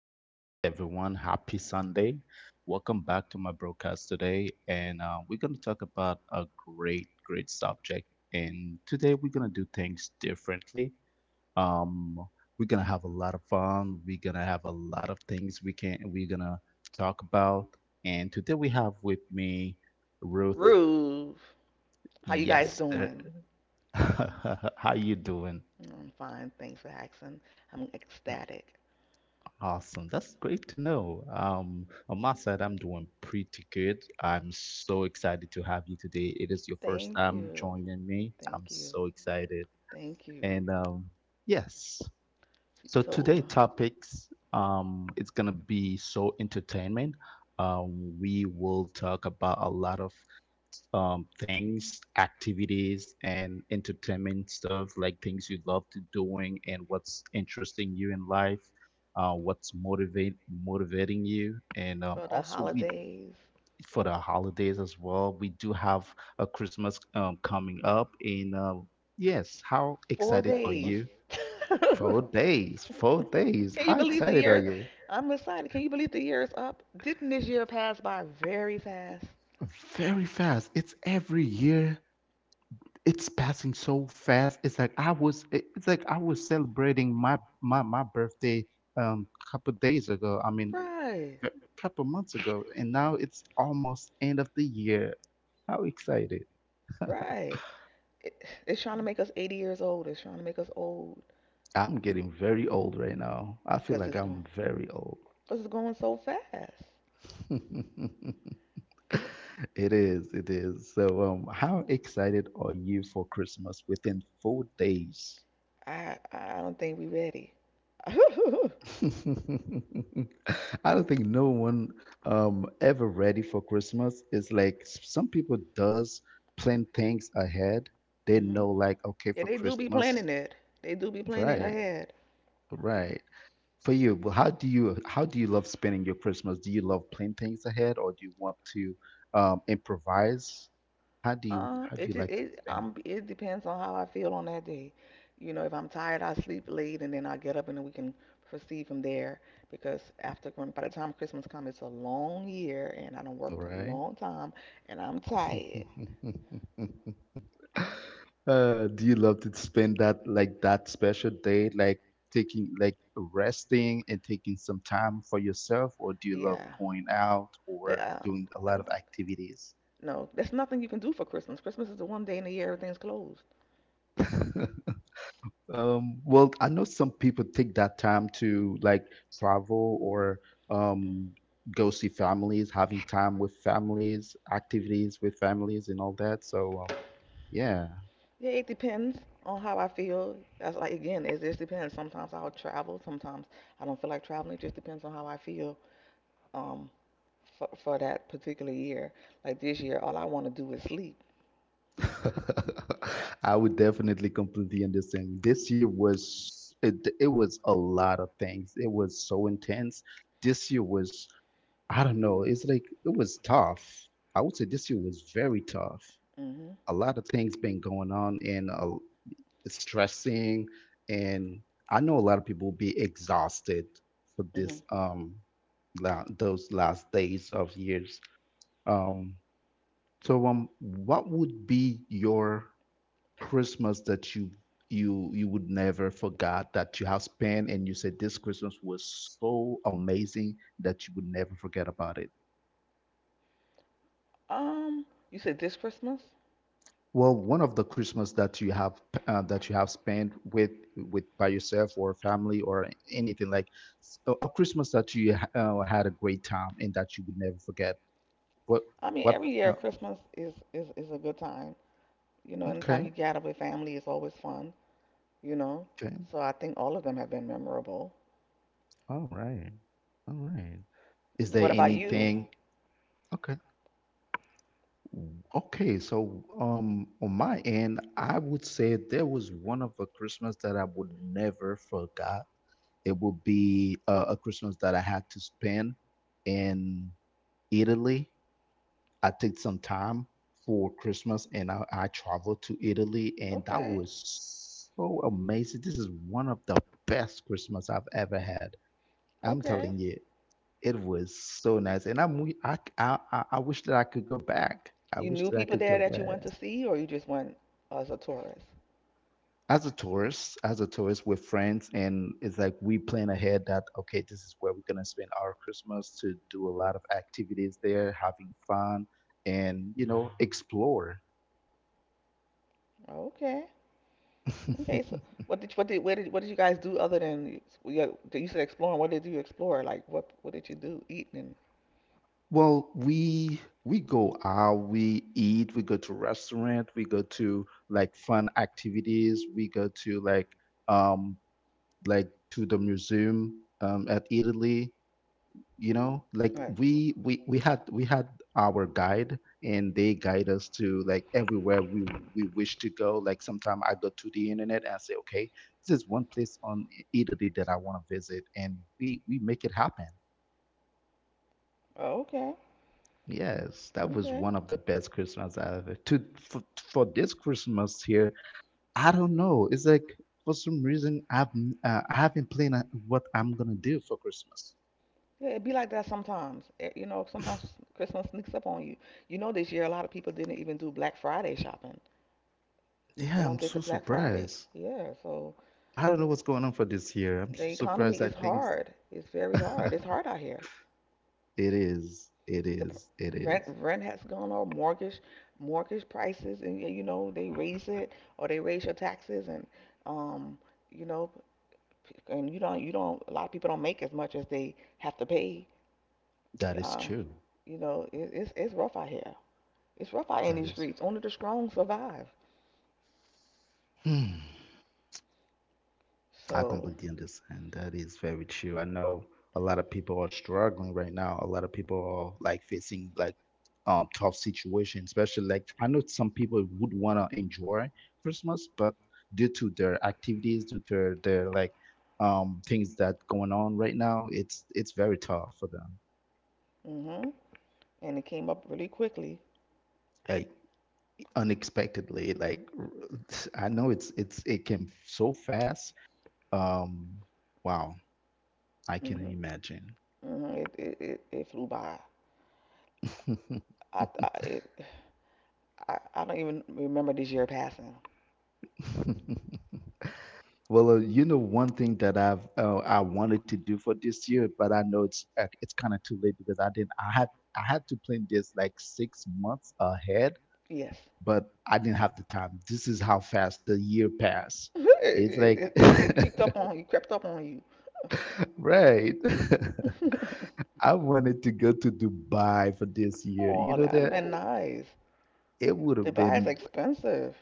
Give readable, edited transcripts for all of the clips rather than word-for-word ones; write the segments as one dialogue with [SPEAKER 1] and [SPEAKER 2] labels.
[SPEAKER 1] Good morning, everyone. Happy Sunday. Welcome back to my broadcast today. And We're going to talk about a great, great subject. And today we're going to do things differently. Um, we're going to have a lot of fun. We're going to have a lot of things we're going to talk about. And today we have with me Ruth.
[SPEAKER 2] Ruth, how you guys
[SPEAKER 1] Yes.
[SPEAKER 2] doing?
[SPEAKER 1] How you doing?
[SPEAKER 2] I'm fine. Thanks for asking. I'm ecstatic.
[SPEAKER 1] Awesome. That's great to know. On my side, I'm doing pretty good. I'm so excited to have you today. It is your first
[SPEAKER 2] Thank
[SPEAKER 1] time
[SPEAKER 2] you.
[SPEAKER 1] joining me. I'm
[SPEAKER 2] Thank you.
[SPEAKER 1] so excited.
[SPEAKER 2] Thank you.
[SPEAKER 1] And Yes.
[SPEAKER 2] See,
[SPEAKER 1] So
[SPEAKER 2] So
[SPEAKER 1] today
[SPEAKER 2] uh,
[SPEAKER 1] topics, it's gonna be so entertainment. We will talk about a lot of things, activities, and entertainment stuff, like things you love to doing and what's interesting you in life, what's motivate motivating you, and
[SPEAKER 2] for the
[SPEAKER 1] also we
[SPEAKER 2] holidays,
[SPEAKER 1] for the holidays as well. We do have a Christmas coming up, and yes, how
[SPEAKER 2] four
[SPEAKER 1] excited are
[SPEAKER 2] days.
[SPEAKER 1] you? 4 days, 4 days.
[SPEAKER 2] Can you
[SPEAKER 1] How
[SPEAKER 2] believe the
[SPEAKER 1] excited are
[SPEAKER 2] year?
[SPEAKER 1] you?
[SPEAKER 2] I'm excited. Can you believe the year is up? Didn't this year pass by very fast?
[SPEAKER 1] Very fast. It's every year. It's passing so fast. It's like it's like I was celebrating my birthday couple days ago. I mean
[SPEAKER 2] Right.
[SPEAKER 1] a couple months ago, and now it's almost end of the year. How excited.
[SPEAKER 2] Right. It, it's trying to make us 80 years old. It's trying to make us old
[SPEAKER 1] I'm getting very old right now. I feel
[SPEAKER 2] because
[SPEAKER 1] like
[SPEAKER 2] it's going,
[SPEAKER 1] I'm very old.
[SPEAKER 2] cause it's going so fast.
[SPEAKER 1] It is, it is. So how excited are you for Christmas within 4 days?
[SPEAKER 2] I don't think we ready.
[SPEAKER 1] I don't think no one ever ready for Christmas. It's like some people does plan things ahead. They
[SPEAKER 2] hmm.
[SPEAKER 1] know like okay
[SPEAKER 2] Yeah,
[SPEAKER 1] for
[SPEAKER 2] they do be
[SPEAKER 1] Christmas,
[SPEAKER 2] planning that. They do be planning
[SPEAKER 1] right,
[SPEAKER 2] ahead.
[SPEAKER 1] right. For you, but how do you love spending your Christmas? Do you love planning things ahead or do you want to improvise? How do you
[SPEAKER 2] It just
[SPEAKER 1] like
[SPEAKER 2] it
[SPEAKER 1] spending?
[SPEAKER 2] it depends on how I feel on that day. You know, if I'm tired, I sleep late and then I get up and then we can proceed from there. Because by the time Christmas comes, it's a long year and I done
[SPEAKER 1] All
[SPEAKER 2] worked a
[SPEAKER 1] right.
[SPEAKER 2] long time and I'm tired.
[SPEAKER 1] Do you love to spend that like that special day, like taking like resting and taking some time for yourself, or do you love
[SPEAKER 2] Yeah.
[SPEAKER 1] going out
[SPEAKER 2] The,
[SPEAKER 1] or doing a
[SPEAKER 2] I
[SPEAKER 1] lot of
[SPEAKER 2] don't-
[SPEAKER 1] activities?
[SPEAKER 2] no, there's nothing you can do for Christmas. Christmas is the one day in the year everything's closed.
[SPEAKER 1] Well, I know some people take that time to like travel or
[SPEAKER 2] Mm-hmm.
[SPEAKER 1] um go see families, having time with families, activities with families and all that. So yeah.
[SPEAKER 2] Yeah, it depends on how I feel. That's like again, it just depends. Sometimes I'll travel. Sometimes I don't feel like traveling. It just depends on how I feel um for that particular year. Like this year, all I want to do is sleep.
[SPEAKER 1] I would definitely completely understand. This year was it was a lot of things. It was so intense. This year was I don't know. It's like it was tough. I would say this year was very tough.
[SPEAKER 2] Mhm.
[SPEAKER 1] A lot of things been going on and it's stressing, and I know a lot of people will be exhausted for
[SPEAKER 2] Mhm.
[SPEAKER 1] this those last days of years. Um, so what would be your Christmas that you would never forgot that you have spent and you said this Christmas was so amazing that you would never forget about it?
[SPEAKER 2] Um, you said this Christmas?
[SPEAKER 1] Well, one of the Christmas that you have that you have spent with by yourself or family or anything like a Christmas that you had a great time and that you would never forget. What
[SPEAKER 2] I mean,
[SPEAKER 1] what?
[SPEAKER 2] every year
[SPEAKER 1] Uh,
[SPEAKER 2] Christmas is a good time. You know, anytime
[SPEAKER 1] okay,
[SPEAKER 2] you gather with family, it's always fun. You know,
[SPEAKER 1] okay,
[SPEAKER 2] so I think all of them have been memorable.
[SPEAKER 1] all right, all right. Is there
[SPEAKER 2] What about you?
[SPEAKER 1] anything? Okay, okay, so on my end, I would say there was one of a Christmas that I would never forgot. It would be a Christmas that I had to spend in Italy. I took some time for Christmas and I traveled to Italy, and that
[SPEAKER 2] Okay.
[SPEAKER 1] was so amazing. This is one of the best Christmas I've ever had. I'm
[SPEAKER 2] Okay.
[SPEAKER 1] telling you, it was so nice, and I'm wi- I wish that I could go back. I
[SPEAKER 2] You
[SPEAKER 1] wish
[SPEAKER 2] knew
[SPEAKER 1] that I
[SPEAKER 2] people
[SPEAKER 1] could
[SPEAKER 2] there
[SPEAKER 1] go
[SPEAKER 2] that you
[SPEAKER 1] back.
[SPEAKER 2] went to see, or you just went as a tourist?
[SPEAKER 1] As a tourist, as a tourist with friends, and it's like we plan ahead that okay, this is where we're gonna spend our Christmas to do a lot of activities there, having fun, and you know, explore.
[SPEAKER 2] Okay. Okay. So, what did you guys do other than you said exploring? What did you explore? Like what did you do? Eat and
[SPEAKER 1] Well, we go out, we eat, we go to restaurant, we go to like fun activities, we go to um like to the museum at Italy, you know, like
[SPEAKER 2] like.
[SPEAKER 1] we had our guide and they guide us to like everywhere we wish to go. Like sometime I go to the internet and I say okay, this is one place on Italy that I want to visit, and we make it happen.
[SPEAKER 2] Oh, okay.
[SPEAKER 1] Yes, that was
[SPEAKER 2] Okay.
[SPEAKER 1] one of the best Christmas I ever to for this Christmas here. I don't know, it's like for some reason I haven't planned what I'm gonna do for Christmas.
[SPEAKER 2] Yeah, it be like that sometimes. Sometimes Christmas sneaks up on you. This year a lot of people didn't even do Black Friday shopping. No
[SPEAKER 1] Yeah, I'm
[SPEAKER 2] one did
[SPEAKER 1] so
[SPEAKER 2] the Black Friday.
[SPEAKER 1] surprised.
[SPEAKER 2] Yeah. So
[SPEAKER 1] I don't know what's going on for this year.
[SPEAKER 2] the economy
[SPEAKER 1] Surprised.
[SPEAKER 2] is hard. It's very hard. It's hard out here.
[SPEAKER 1] It is. It
[SPEAKER 2] the p-
[SPEAKER 1] is. It is.
[SPEAKER 2] rent rent has gone up, mortgage prices, and you know they raise it or they raise your taxes, and um, you know, p- and you don't a lot of people don't make as much as they have to pay.
[SPEAKER 1] That is
[SPEAKER 2] Uh,
[SPEAKER 1] true.
[SPEAKER 2] it's rough out here. It's rough out in
[SPEAKER 1] That
[SPEAKER 2] these
[SPEAKER 1] is.
[SPEAKER 2] streets. Only the strong survive.
[SPEAKER 1] Hmm. I
[SPEAKER 2] So,
[SPEAKER 1] completely understand. That is very true. I know a lot of people are struggling right now. A lot of people are like facing like tough situations, especially like I know some people would want to enjoy Christmas, but due to their activities, due to their like things that going on right now, it's very tough for them.
[SPEAKER 2] mhm, and it came up really quickly.
[SPEAKER 1] Hey. Unexpectedly, like I know it came so fast, um wow, I can
[SPEAKER 2] Mhm,
[SPEAKER 1] imagine.
[SPEAKER 2] mhm. It flew by. I, I it I don't even remember this year passing.
[SPEAKER 1] Well you know, one thing that I wanted to do for this year, but I know it's kind of too late because I didn't I had I had to plan this like 6 months ahead,
[SPEAKER 2] Yes.
[SPEAKER 1] but I didn't have the time. This is how fast the year passed.
[SPEAKER 2] It,
[SPEAKER 1] It's like
[SPEAKER 2] it, it, it creeped up on you, crept up on
[SPEAKER 1] right
[SPEAKER 2] you.
[SPEAKER 1] I wanted to go to Dubai for this year. You
[SPEAKER 2] Oh,
[SPEAKER 1] know
[SPEAKER 2] that would have
[SPEAKER 1] that?
[SPEAKER 2] been nice.
[SPEAKER 1] It would have
[SPEAKER 2] Dubai is
[SPEAKER 1] been
[SPEAKER 2] expensive.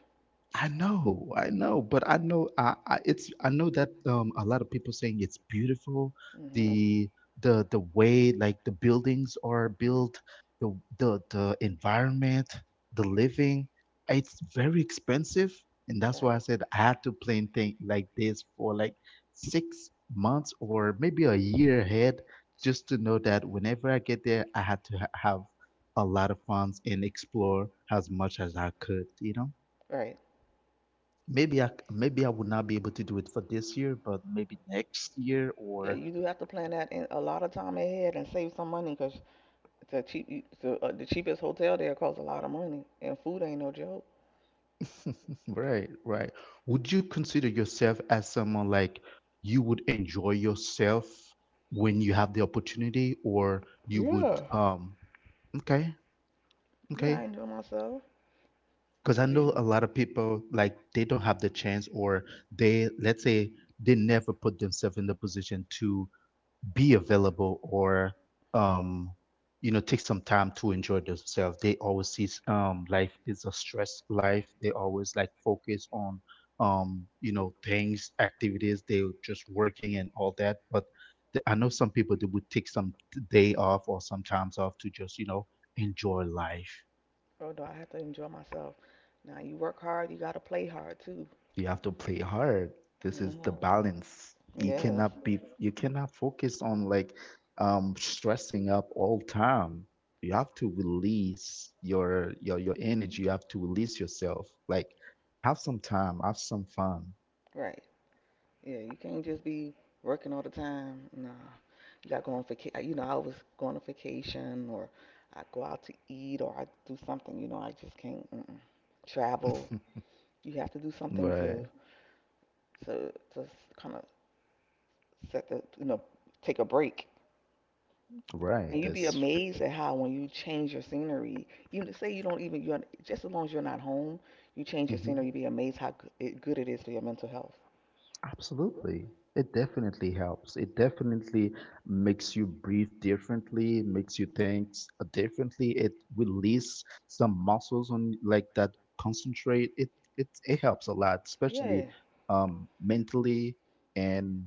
[SPEAKER 1] I know, but I know I know that a lot of people saying it's beautiful,
[SPEAKER 2] Hmm.
[SPEAKER 1] the the way like the buildings are built, the environment, the living, it's very expensive, and that's
[SPEAKER 2] Right,
[SPEAKER 1] why I said I had to plan thing like this for like 6 months or maybe a year ahead, just to know that whenever I get there, I had to have a lot of funds and explore as much as I could, you know?
[SPEAKER 2] right.
[SPEAKER 1] Maybe I, maybe I would not be able to do it for this year, but maybe next year
[SPEAKER 2] Yeah,
[SPEAKER 1] or
[SPEAKER 2] you do have to plan that in a lot of time ahead and save some money because the cheapest hotel there costs a lot of money, and food ain't no joke.
[SPEAKER 1] right, right. Would you consider yourself as someone like you would enjoy yourself when you have the opportunity, or you would
[SPEAKER 2] Yeah.
[SPEAKER 1] okay,
[SPEAKER 2] Yeah, I
[SPEAKER 1] okay.
[SPEAKER 2] enjoy myself.
[SPEAKER 1] Because I
[SPEAKER 2] Do
[SPEAKER 1] know
[SPEAKER 2] you?
[SPEAKER 1] a lot of people like they don't have the chance, or they let's say they never put themselves in the position to be available or um you know, take some time to enjoy themselves. They always see life is a stress life. They always like focus on you know, things, activities. They just working and all that, but the, I know some people that would take some day off or some times off to just you know enjoy life.
[SPEAKER 2] Oh, do I have to enjoy myself? Now you work hard, you gotta play hard too.
[SPEAKER 1] You have to play hard. This is the
[SPEAKER 2] Hmm.
[SPEAKER 1] balance. You
[SPEAKER 2] Yes,
[SPEAKER 1] cannot be, you cannot focus on like stressing up all time. You have to release your energy. You have to release yourself, like have some time, have some fun.
[SPEAKER 2] right. Yeah, you can't just be working all the time. Nah, you gotta go on vacation. I always go on a vacation or I go out to eat or I do something. I just can't, mm-mm, travel. You have to do something
[SPEAKER 1] right,
[SPEAKER 2] to kind of set the you know take a break.
[SPEAKER 1] right,
[SPEAKER 2] And you'd be
[SPEAKER 1] that's
[SPEAKER 2] amazed at how when you change your scenery, you say you don't even you're just, as long as you're not home, you change your
[SPEAKER 1] mm-hmm.
[SPEAKER 2] scenery. You'd be amazed how good it is for your mental health.
[SPEAKER 1] Absolutely. It definitely helps. It definitely makes you breathe differently, makes you differently. It release some muscles on like that concentrate. It helps a lot, especially
[SPEAKER 2] Yeah.
[SPEAKER 1] mentally and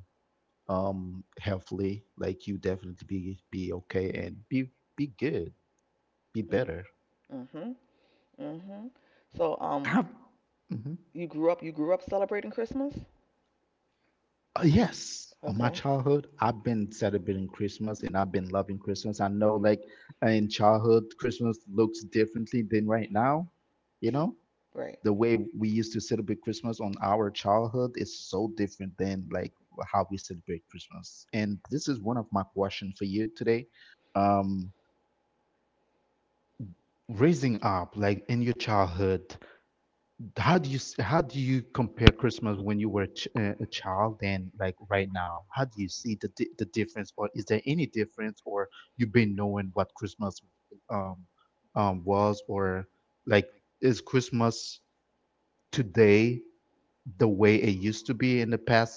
[SPEAKER 1] healthily. Like you definitely be okay and be good, be
[SPEAKER 2] Mm,
[SPEAKER 1] better.
[SPEAKER 2] mhm. Mhm. So um
[SPEAKER 1] Mhm.
[SPEAKER 2] You grew up. You grew up celebrating Christmas.
[SPEAKER 1] Yes, on my
[SPEAKER 2] Okay.
[SPEAKER 1] childhood, I've been celebrating Christmas and I've been loving Christmas. I know, like in childhood, Christmas looks differently than right now. You know,
[SPEAKER 2] Right?
[SPEAKER 1] the way we used to celebrate Christmas on our childhood is so different than like how we celebrate Christmas. And this is one of my questions for you today. Um, Raising up, like in your childhood, how do you how do you compare Christmas when you were a child and like right now? How do you see the difference, or is there any difference, or you've been knowing what Christmas um was, or like is Christmas today the way it used to be in the past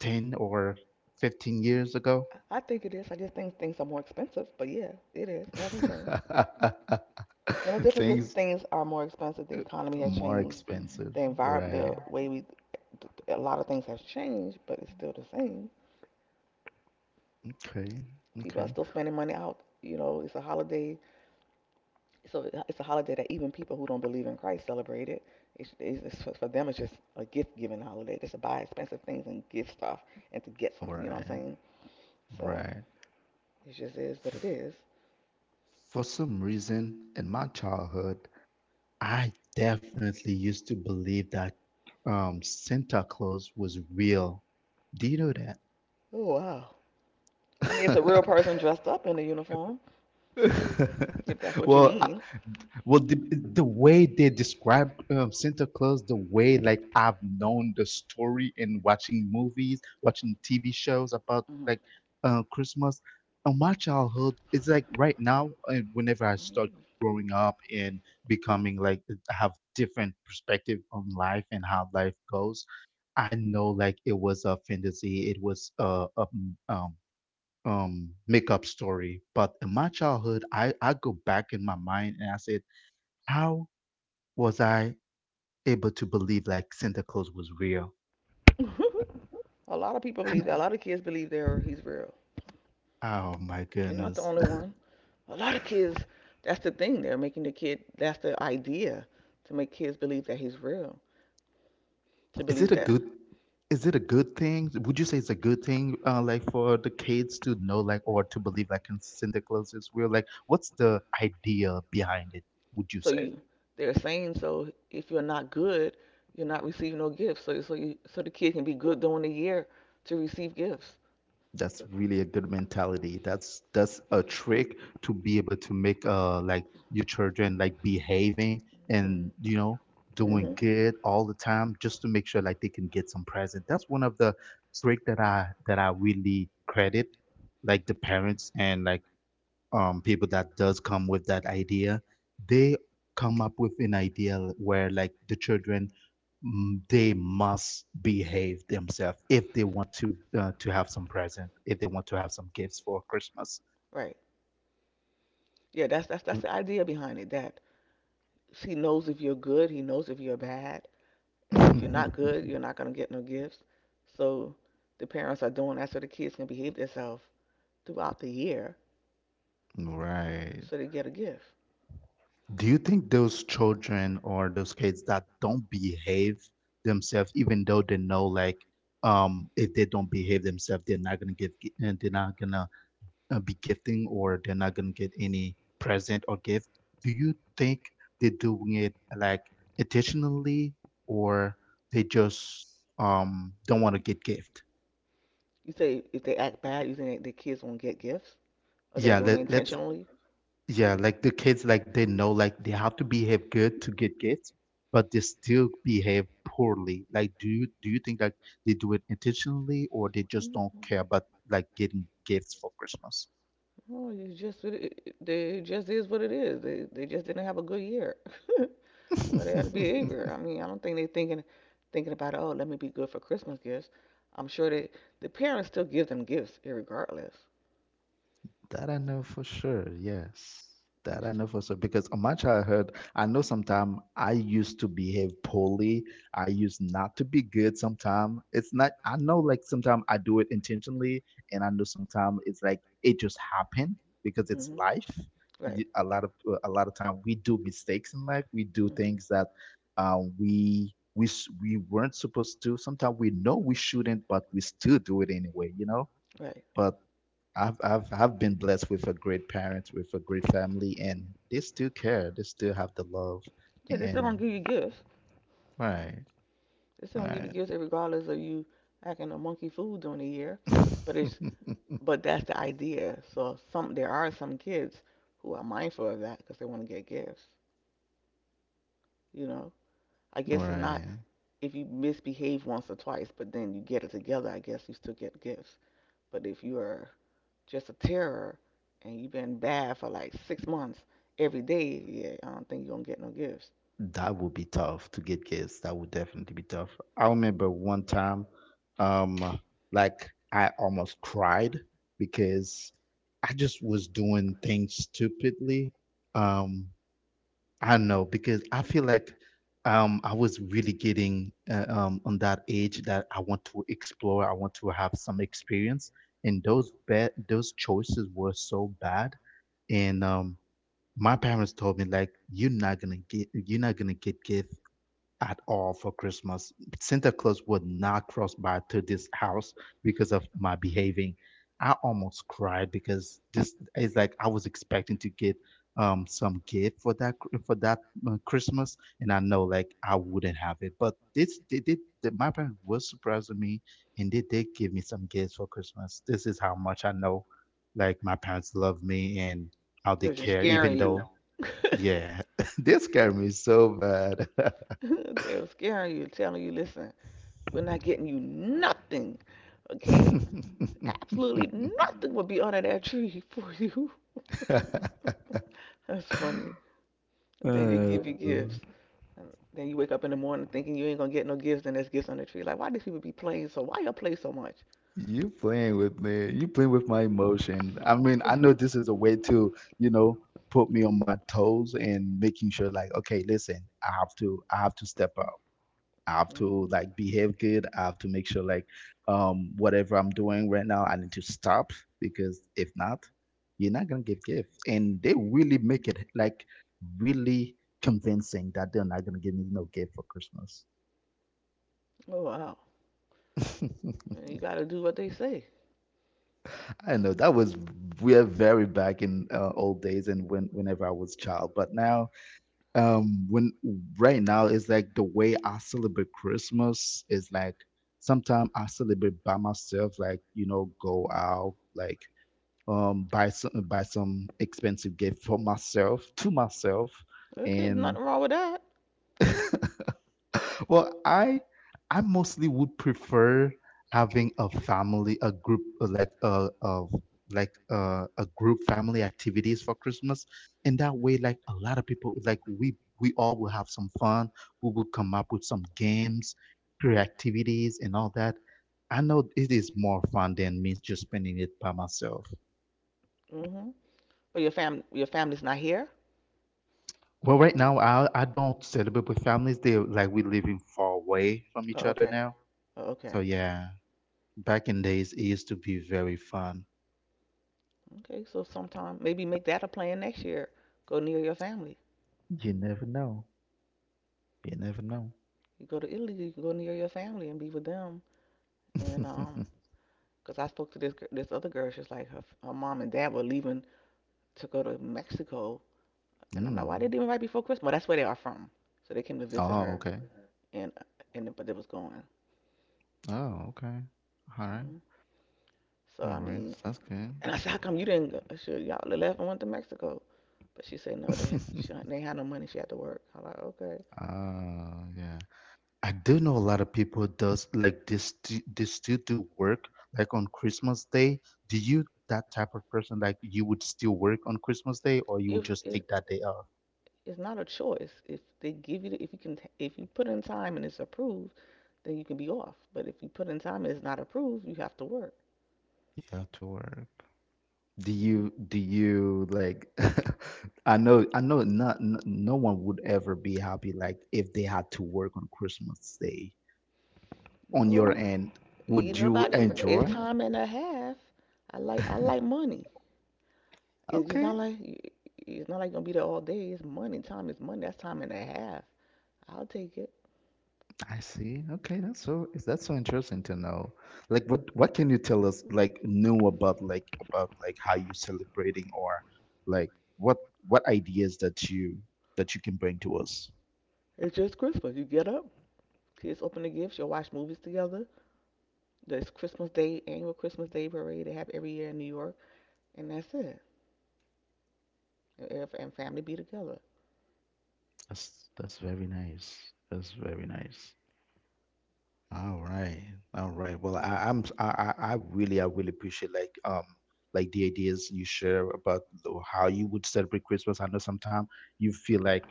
[SPEAKER 1] 10 or 15 years ago?
[SPEAKER 2] I think it is. I just think things are more expensive. But yeah, it is. It hasn't changed. Well, the difference is
[SPEAKER 1] Things
[SPEAKER 2] things are more expensive. The economy has
[SPEAKER 1] more
[SPEAKER 2] changed.
[SPEAKER 1] expensive,
[SPEAKER 2] The
[SPEAKER 1] right?
[SPEAKER 2] environment, the way we, a lot of things have changed, but it's still the same.
[SPEAKER 1] Okay,
[SPEAKER 2] People are
[SPEAKER 1] okay,
[SPEAKER 2] still spending money out. You know, it's a holiday. So it's a holiday that even people who don't believe in Christ celebrate it. It's for them, it's just a gift-giving holiday, just to buy expensive things and give stuff and to get
[SPEAKER 1] all
[SPEAKER 2] something. You know what I'm
[SPEAKER 1] right,
[SPEAKER 2] saying? So
[SPEAKER 1] right.
[SPEAKER 2] it just is what it is.
[SPEAKER 1] For some reason, in my childhood, I definitely used to believe that Santa Claus was real. Do you know
[SPEAKER 2] Oh, wow. I mean, it's a real
[SPEAKER 1] that?
[SPEAKER 2] person dressed up in a uniform, if that's what you
[SPEAKER 1] Well,
[SPEAKER 2] mean.
[SPEAKER 1] well, the way they describe Santa Claus, the way like I've known the story in watching movies, watching TV shows about
[SPEAKER 2] Mhm.
[SPEAKER 1] like Christmas, in my childhood, it's like right now, and whenever I start growing up and becoming like have different perspective on life and how life goes, I know like it was a fantasy, it was a makeup story. But in my childhood, I go back in my mind and I said how was I able to believe like Santa Claus was real?
[SPEAKER 2] A lot of people believe that. A lot of kids believe they're he's real.
[SPEAKER 1] Oh my
[SPEAKER 2] You're not the
[SPEAKER 1] goodness.
[SPEAKER 2] only one. A lot of kids. That's the thing. They're making the kid. That's the idea to make kids believe that he's real. To
[SPEAKER 1] Is
[SPEAKER 2] believe
[SPEAKER 1] it a
[SPEAKER 2] that.
[SPEAKER 1] good is it a good thing? Would you say it's a good thing like for the kids to know like or to believe like in Santa Claus is real? Like what's the idea behind it, would you
[SPEAKER 2] So
[SPEAKER 1] say?
[SPEAKER 2] you. They're saying so. If you're not good, you're not receiving no gifts. So the kid can be good during the year to receive gifts.
[SPEAKER 1] That's really a good mentality. That's a trick to be able to make like your children like behaving and you
[SPEAKER 2] Mm-hmm.
[SPEAKER 1] know doing
[SPEAKER 2] Mm-hmm.
[SPEAKER 1] good all the time just to make sure like they can get some present. That's one of the trick that I really credit like the parents and like people that does come with that idea they come up with an idea where like the children they must behave themselves if they want to have some present if they want to have some gifts for Christmas.
[SPEAKER 2] Right. Yeah. That's the idea behind it. That he knows if you're good, he knows if you're bad, and if you're not good, you're not going to get no gifts. So the parents are doing that so the kids can behave themselves throughout the year
[SPEAKER 1] Right,
[SPEAKER 2] so they get a gift.
[SPEAKER 1] do you think those children or those kids that don't behave themselves even though they know like if they don't behave themselves they're not gonna they're not gonna be gifting or they're not gonna get any present or gift. Do you think they're doing it like intentionally or they just don't want to get gift?
[SPEAKER 2] You say if they act bad, you think the kids won't get gifts? Or they're
[SPEAKER 1] Yeah,
[SPEAKER 2] doing it
[SPEAKER 1] let let's
[SPEAKER 2] intentionally?
[SPEAKER 1] yeah, like the kids like they know like they have to behave good to get gifts, but they still behave poorly. Like do you think that they do it intentionally or they just
[SPEAKER 2] Mhm.
[SPEAKER 1] don't care about like getting gifts for Christmas?
[SPEAKER 2] No, it's just they just is what it is. They just didn't have a good year. or their behavior. I mean, I don't think they're thinking about, oh, let me be good for Christmas gifts. I'm sure that the parents still give them gifts, irregardless.
[SPEAKER 1] That I
[SPEAKER 2] That's
[SPEAKER 1] know
[SPEAKER 2] how
[SPEAKER 1] for sure, yes.
[SPEAKER 2] it
[SPEAKER 1] That I
[SPEAKER 2] used to.
[SPEAKER 1] know for sure because on my childhood, I know sometimes I used to behave poorly. I used not to be good sometimes. It's not, I know like sometimes I do it intentionally, and I know sometimes it's like it just happened because it's
[SPEAKER 2] Hmm.
[SPEAKER 1] life.
[SPEAKER 2] Right.
[SPEAKER 1] Y- A lot of a lot of time we do mistakes in life. We do
[SPEAKER 2] Mm.
[SPEAKER 1] things that we we weren't supposed to. Sometimes we know we shouldn't, but we still do it anyway. You know,
[SPEAKER 2] Right.
[SPEAKER 1] but I've been blessed with a great parent, with a great family, and they still care. They still have the love,
[SPEAKER 2] Yeah, they still
[SPEAKER 1] and
[SPEAKER 2] gonna give you gifts.
[SPEAKER 1] right,
[SPEAKER 2] They still gonna give you
[SPEAKER 1] right,
[SPEAKER 2] gifts, regardless of you acting a monkey fool during the year. But it's but that's the idea. So some there are some kids who are mindful of that because they want to get gifts. You know, I guess it's not
[SPEAKER 1] right.
[SPEAKER 2] if you misbehave once or twice, but then you get it together. I guess you still get gifts. But if you are just a terror and you've been bad for like 6 months every day, yeah, I don't think you're gonna get no gifts.
[SPEAKER 1] That would be tough to get kids. That would definitely be tough. I remember one time, um, like I almost cried because I just was doing things stupidly. Um, I don't know because I feel like I was really getting on that age that I want to explore. I want to have some experience, and those choices were so bad. And my parents told me like, "You're not gonna get you're not gonna get give at all for Christmas. Santa Claus would not cross by to this house because of my behaving. I almost cried because this is like I was expecting to get some gift for that Christmas, and I know like I wouldn't have it. But this they did. My parents were surprising me, and they did give me some gifts for Christmas. This is how much I know, like my parents love me and how they
[SPEAKER 2] It was just,
[SPEAKER 1] care,
[SPEAKER 2] yeah,
[SPEAKER 1] even
[SPEAKER 2] scaring you
[SPEAKER 1] though
[SPEAKER 2] you.
[SPEAKER 1] yeah, they scare me so bad.
[SPEAKER 2] Don't. they were scaring you, telling you, listen, we're not getting you nothing, okay? Absolutely nothing will be under that tree for you. That's funny. Then they
[SPEAKER 1] Uh,
[SPEAKER 2] give you gifts. And then you wake up in the morning thinking you ain't gonna get no gifts, and there's gifts on the tree. Like, why these people be playing so? Why y'all play so much?
[SPEAKER 1] you playing with me. You playing with my emotion. I mean, I know
[SPEAKER 2] oh,
[SPEAKER 1] this is a way to, you know, put me on my toes and making sure like, okay, listen, I have to step up. I have to like behave good. I have to make sure like whatever I'm doing right now, I need to stop because if not, you're not gonna give gift. And they really make it like really convincing that they're not gonna give me no gift for Christmas.
[SPEAKER 2] wow. Yeah, you gotta do what they say.
[SPEAKER 1] I know that was we're very back in old days and when whenever I was child, but now when right now it's like the way I celebrate Christmas is like sometimes I celebrate by myself like you know go out like buy some expensive gift for myself to myself
[SPEAKER 2] Okay,
[SPEAKER 1] and
[SPEAKER 2] nothing wrong with that.
[SPEAKER 1] Well, I mostly would prefer having a family, a group, like a like a group family activities for Christmas. In that way, like a lot of people, like we all will have some fun. We will come up with some games, activities, and all that. I know it is more fun than me just spending it by myself.
[SPEAKER 2] Mm-hmm. But your family's not here?
[SPEAKER 1] Well, right now I don't celebrate with families. They like we living far away from each
[SPEAKER 2] Oh,
[SPEAKER 1] other
[SPEAKER 2] okay.
[SPEAKER 1] now.
[SPEAKER 2] Oh, okay.
[SPEAKER 1] So yeah. Back in days, it used to be very fun.
[SPEAKER 2] Okay, so sometime maybe make that a plan next year. Go near your family.
[SPEAKER 1] You never know. You never know.
[SPEAKER 2] You go to Italy, you can go near your family and be with them. And, 'cause I spoke to this other girl, she's like her mom and dad were leaving to go to Mexico, and I'm like, why they
[SPEAKER 1] Mm.
[SPEAKER 2] leaving right before Christmas? Well, that's where they are from. So they came to visit
[SPEAKER 1] Oh,
[SPEAKER 2] her,
[SPEAKER 1] okay.
[SPEAKER 2] and but they was going.
[SPEAKER 1] Oh, okay. All right.
[SPEAKER 2] Mhm. So
[SPEAKER 1] All
[SPEAKER 2] I
[SPEAKER 1] right.
[SPEAKER 2] mean,
[SPEAKER 1] That's good.
[SPEAKER 2] and I said, how come you didn't go? Sure, y'all left and went to Mexico. But she said no, they had, she, they had no money. She had to work. I'm like, okay,
[SPEAKER 1] Oh, yeah. I do know a lot of people does like this. They still do work like on Christmas Day. Do you that type of person like you would still work on Christmas Day or you would
[SPEAKER 2] if
[SPEAKER 1] just
[SPEAKER 2] it's
[SPEAKER 1] take that day off?
[SPEAKER 2] it's not a choice. If they give you, the, If you put in time and it's approved, then you can be off. But if you put in time and it's not approved, you have to work.
[SPEAKER 1] You have to work. Do
[SPEAKER 2] Hmm.
[SPEAKER 1] you do you like I know not n- no one would ever be happy like if they had to work on Christmas Day. On
[SPEAKER 2] No,
[SPEAKER 1] your end,
[SPEAKER 2] you
[SPEAKER 1] would you
[SPEAKER 2] nobody. It's
[SPEAKER 1] enjoy?
[SPEAKER 2] time and a half. I like money. It's
[SPEAKER 1] Okay,
[SPEAKER 2] not like, it's not like gonna be there all day. It's money. Time is money. That's time and a half. I'll take it.
[SPEAKER 1] I see. Okay, that's so is that so interesting to know? Like what can you tell us like new about like how you celebrating or like what ideas that you can bring to us?
[SPEAKER 2] It's just Christmas. You get up, kids open the gifts, you all watch movies together. This Christmas Day, annual Christmas Day parade they have every year in New York, and that's it. And, if- and family be together.
[SPEAKER 1] That's very nice. That's very nice. All right. All right. Well, I really appreciate like the ideas you share about how you would celebrate Christmas. I know sometimes you feel like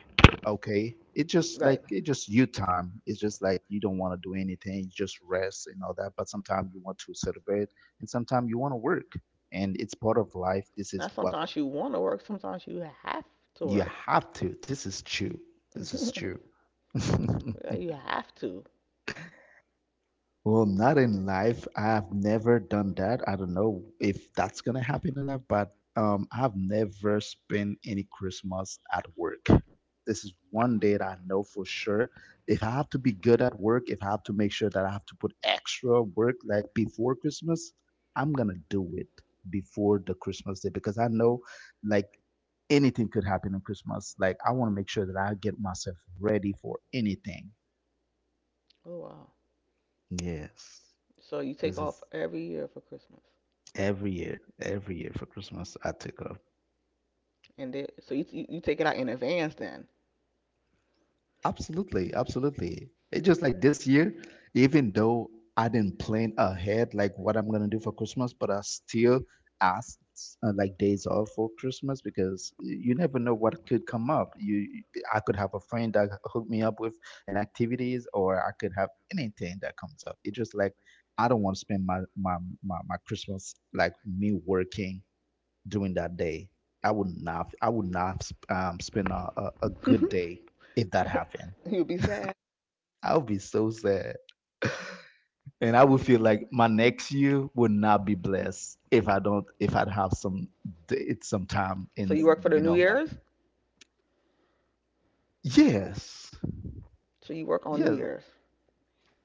[SPEAKER 1] okay, it just like
[SPEAKER 2] Right.
[SPEAKER 1] it just you time. It's just like you don't want to do anything, you just rest and all that. But sometimes you want to celebrate and sometimes you want to work. And it's part of life. This
[SPEAKER 2] Now,
[SPEAKER 1] is what
[SPEAKER 2] sometimes you want to work, sometimes you have to
[SPEAKER 1] you
[SPEAKER 2] work.
[SPEAKER 1] have to. This is true. This is true.
[SPEAKER 2] Yeah, you have to.
[SPEAKER 1] Well, not in life. I've never done that. I don't know if that's gonna happen in life, but I've never spent any Christmas at work. This is one day that I know for sure. If I have to be good at work, if I have to make sure that I have to put extra work like before Christmas, I'm gonna do it before the Christmas day because I know like anything could happen on Christmas. Like I want to make sure that I get myself ready for anything.
[SPEAKER 2] Oh, wow.
[SPEAKER 1] Yes,
[SPEAKER 2] So you take
[SPEAKER 1] this
[SPEAKER 2] off
[SPEAKER 1] is.
[SPEAKER 2] every year for Christmas.
[SPEAKER 1] Every year for Christmas, I took off.
[SPEAKER 2] And then, so you take it out in advance then.
[SPEAKER 1] Absolutely, absolutely. It's just like this year, even though I didn't plan ahead like what I'm gonna do for Christmas, but I still asked like days off for Christmas because you never know what could come up. I could have a friend that hooked me up with an activities, or I could have anything that comes up. It's just like I don't want to spend my Christmas like me working during that day. I would not spend a good day if that happened.
[SPEAKER 2] You'll be sad.
[SPEAKER 1] I would be so sad, and I would
[SPEAKER 2] Mm.
[SPEAKER 1] feel like my next year would not be blessed if I don't, if I'd have some time
[SPEAKER 2] So
[SPEAKER 1] in,
[SPEAKER 2] you work for the
[SPEAKER 1] you
[SPEAKER 2] New
[SPEAKER 1] know.
[SPEAKER 2] Year's?
[SPEAKER 1] Yes,
[SPEAKER 2] So you work on New
[SPEAKER 1] yes.
[SPEAKER 2] Year's.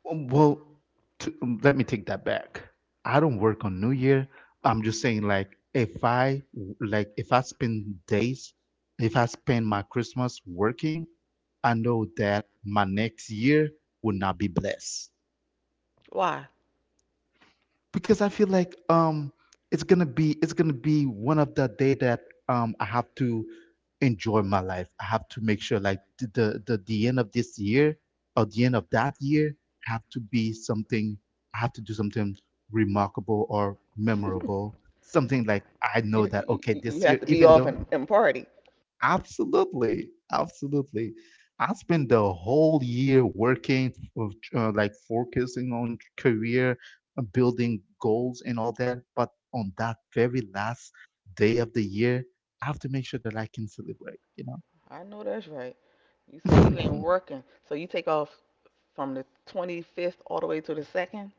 [SPEAKER 1] Well, to, let me take that back. I don't work on New Year. I'm just saying, like, if I spend days, if I spend my Christmas working, I know that my next year will not be blessed
[SPEAKER 2] Why?
[SPEAKER 1] because I feel like it's gonna be one of the day that I have to enjoy my life. I have to make sure like the end of this year or the end of that year have to be something I have to do something remarkable or memorable. Something like I know
[SPEAKER 2] You,
[SPEAKER 1] that
[SPEAKER 2] you,
[SPEAKER 1] okay
[SPEAKER 2] you you
[SPEAKER 1] this
[SPEAKER 2] have
[SPEAKER 1] year
[SPEAKER 2] to be
[SPEAKER 1] even
[SPEAKER 2] off
[SPEAKER 1] though
[SPEAKER 2] and party.
[SPEAKER 1] Absolutely, absolutely. I spent the whole year working, like focusing on career, building goals and all that. But on that very last day of the year, I have to make sure that I can celebrate, you know?
[SPEAKER 2] I know that's right. You say you ain't working, so you take off from the 25th all the way to the 2nd?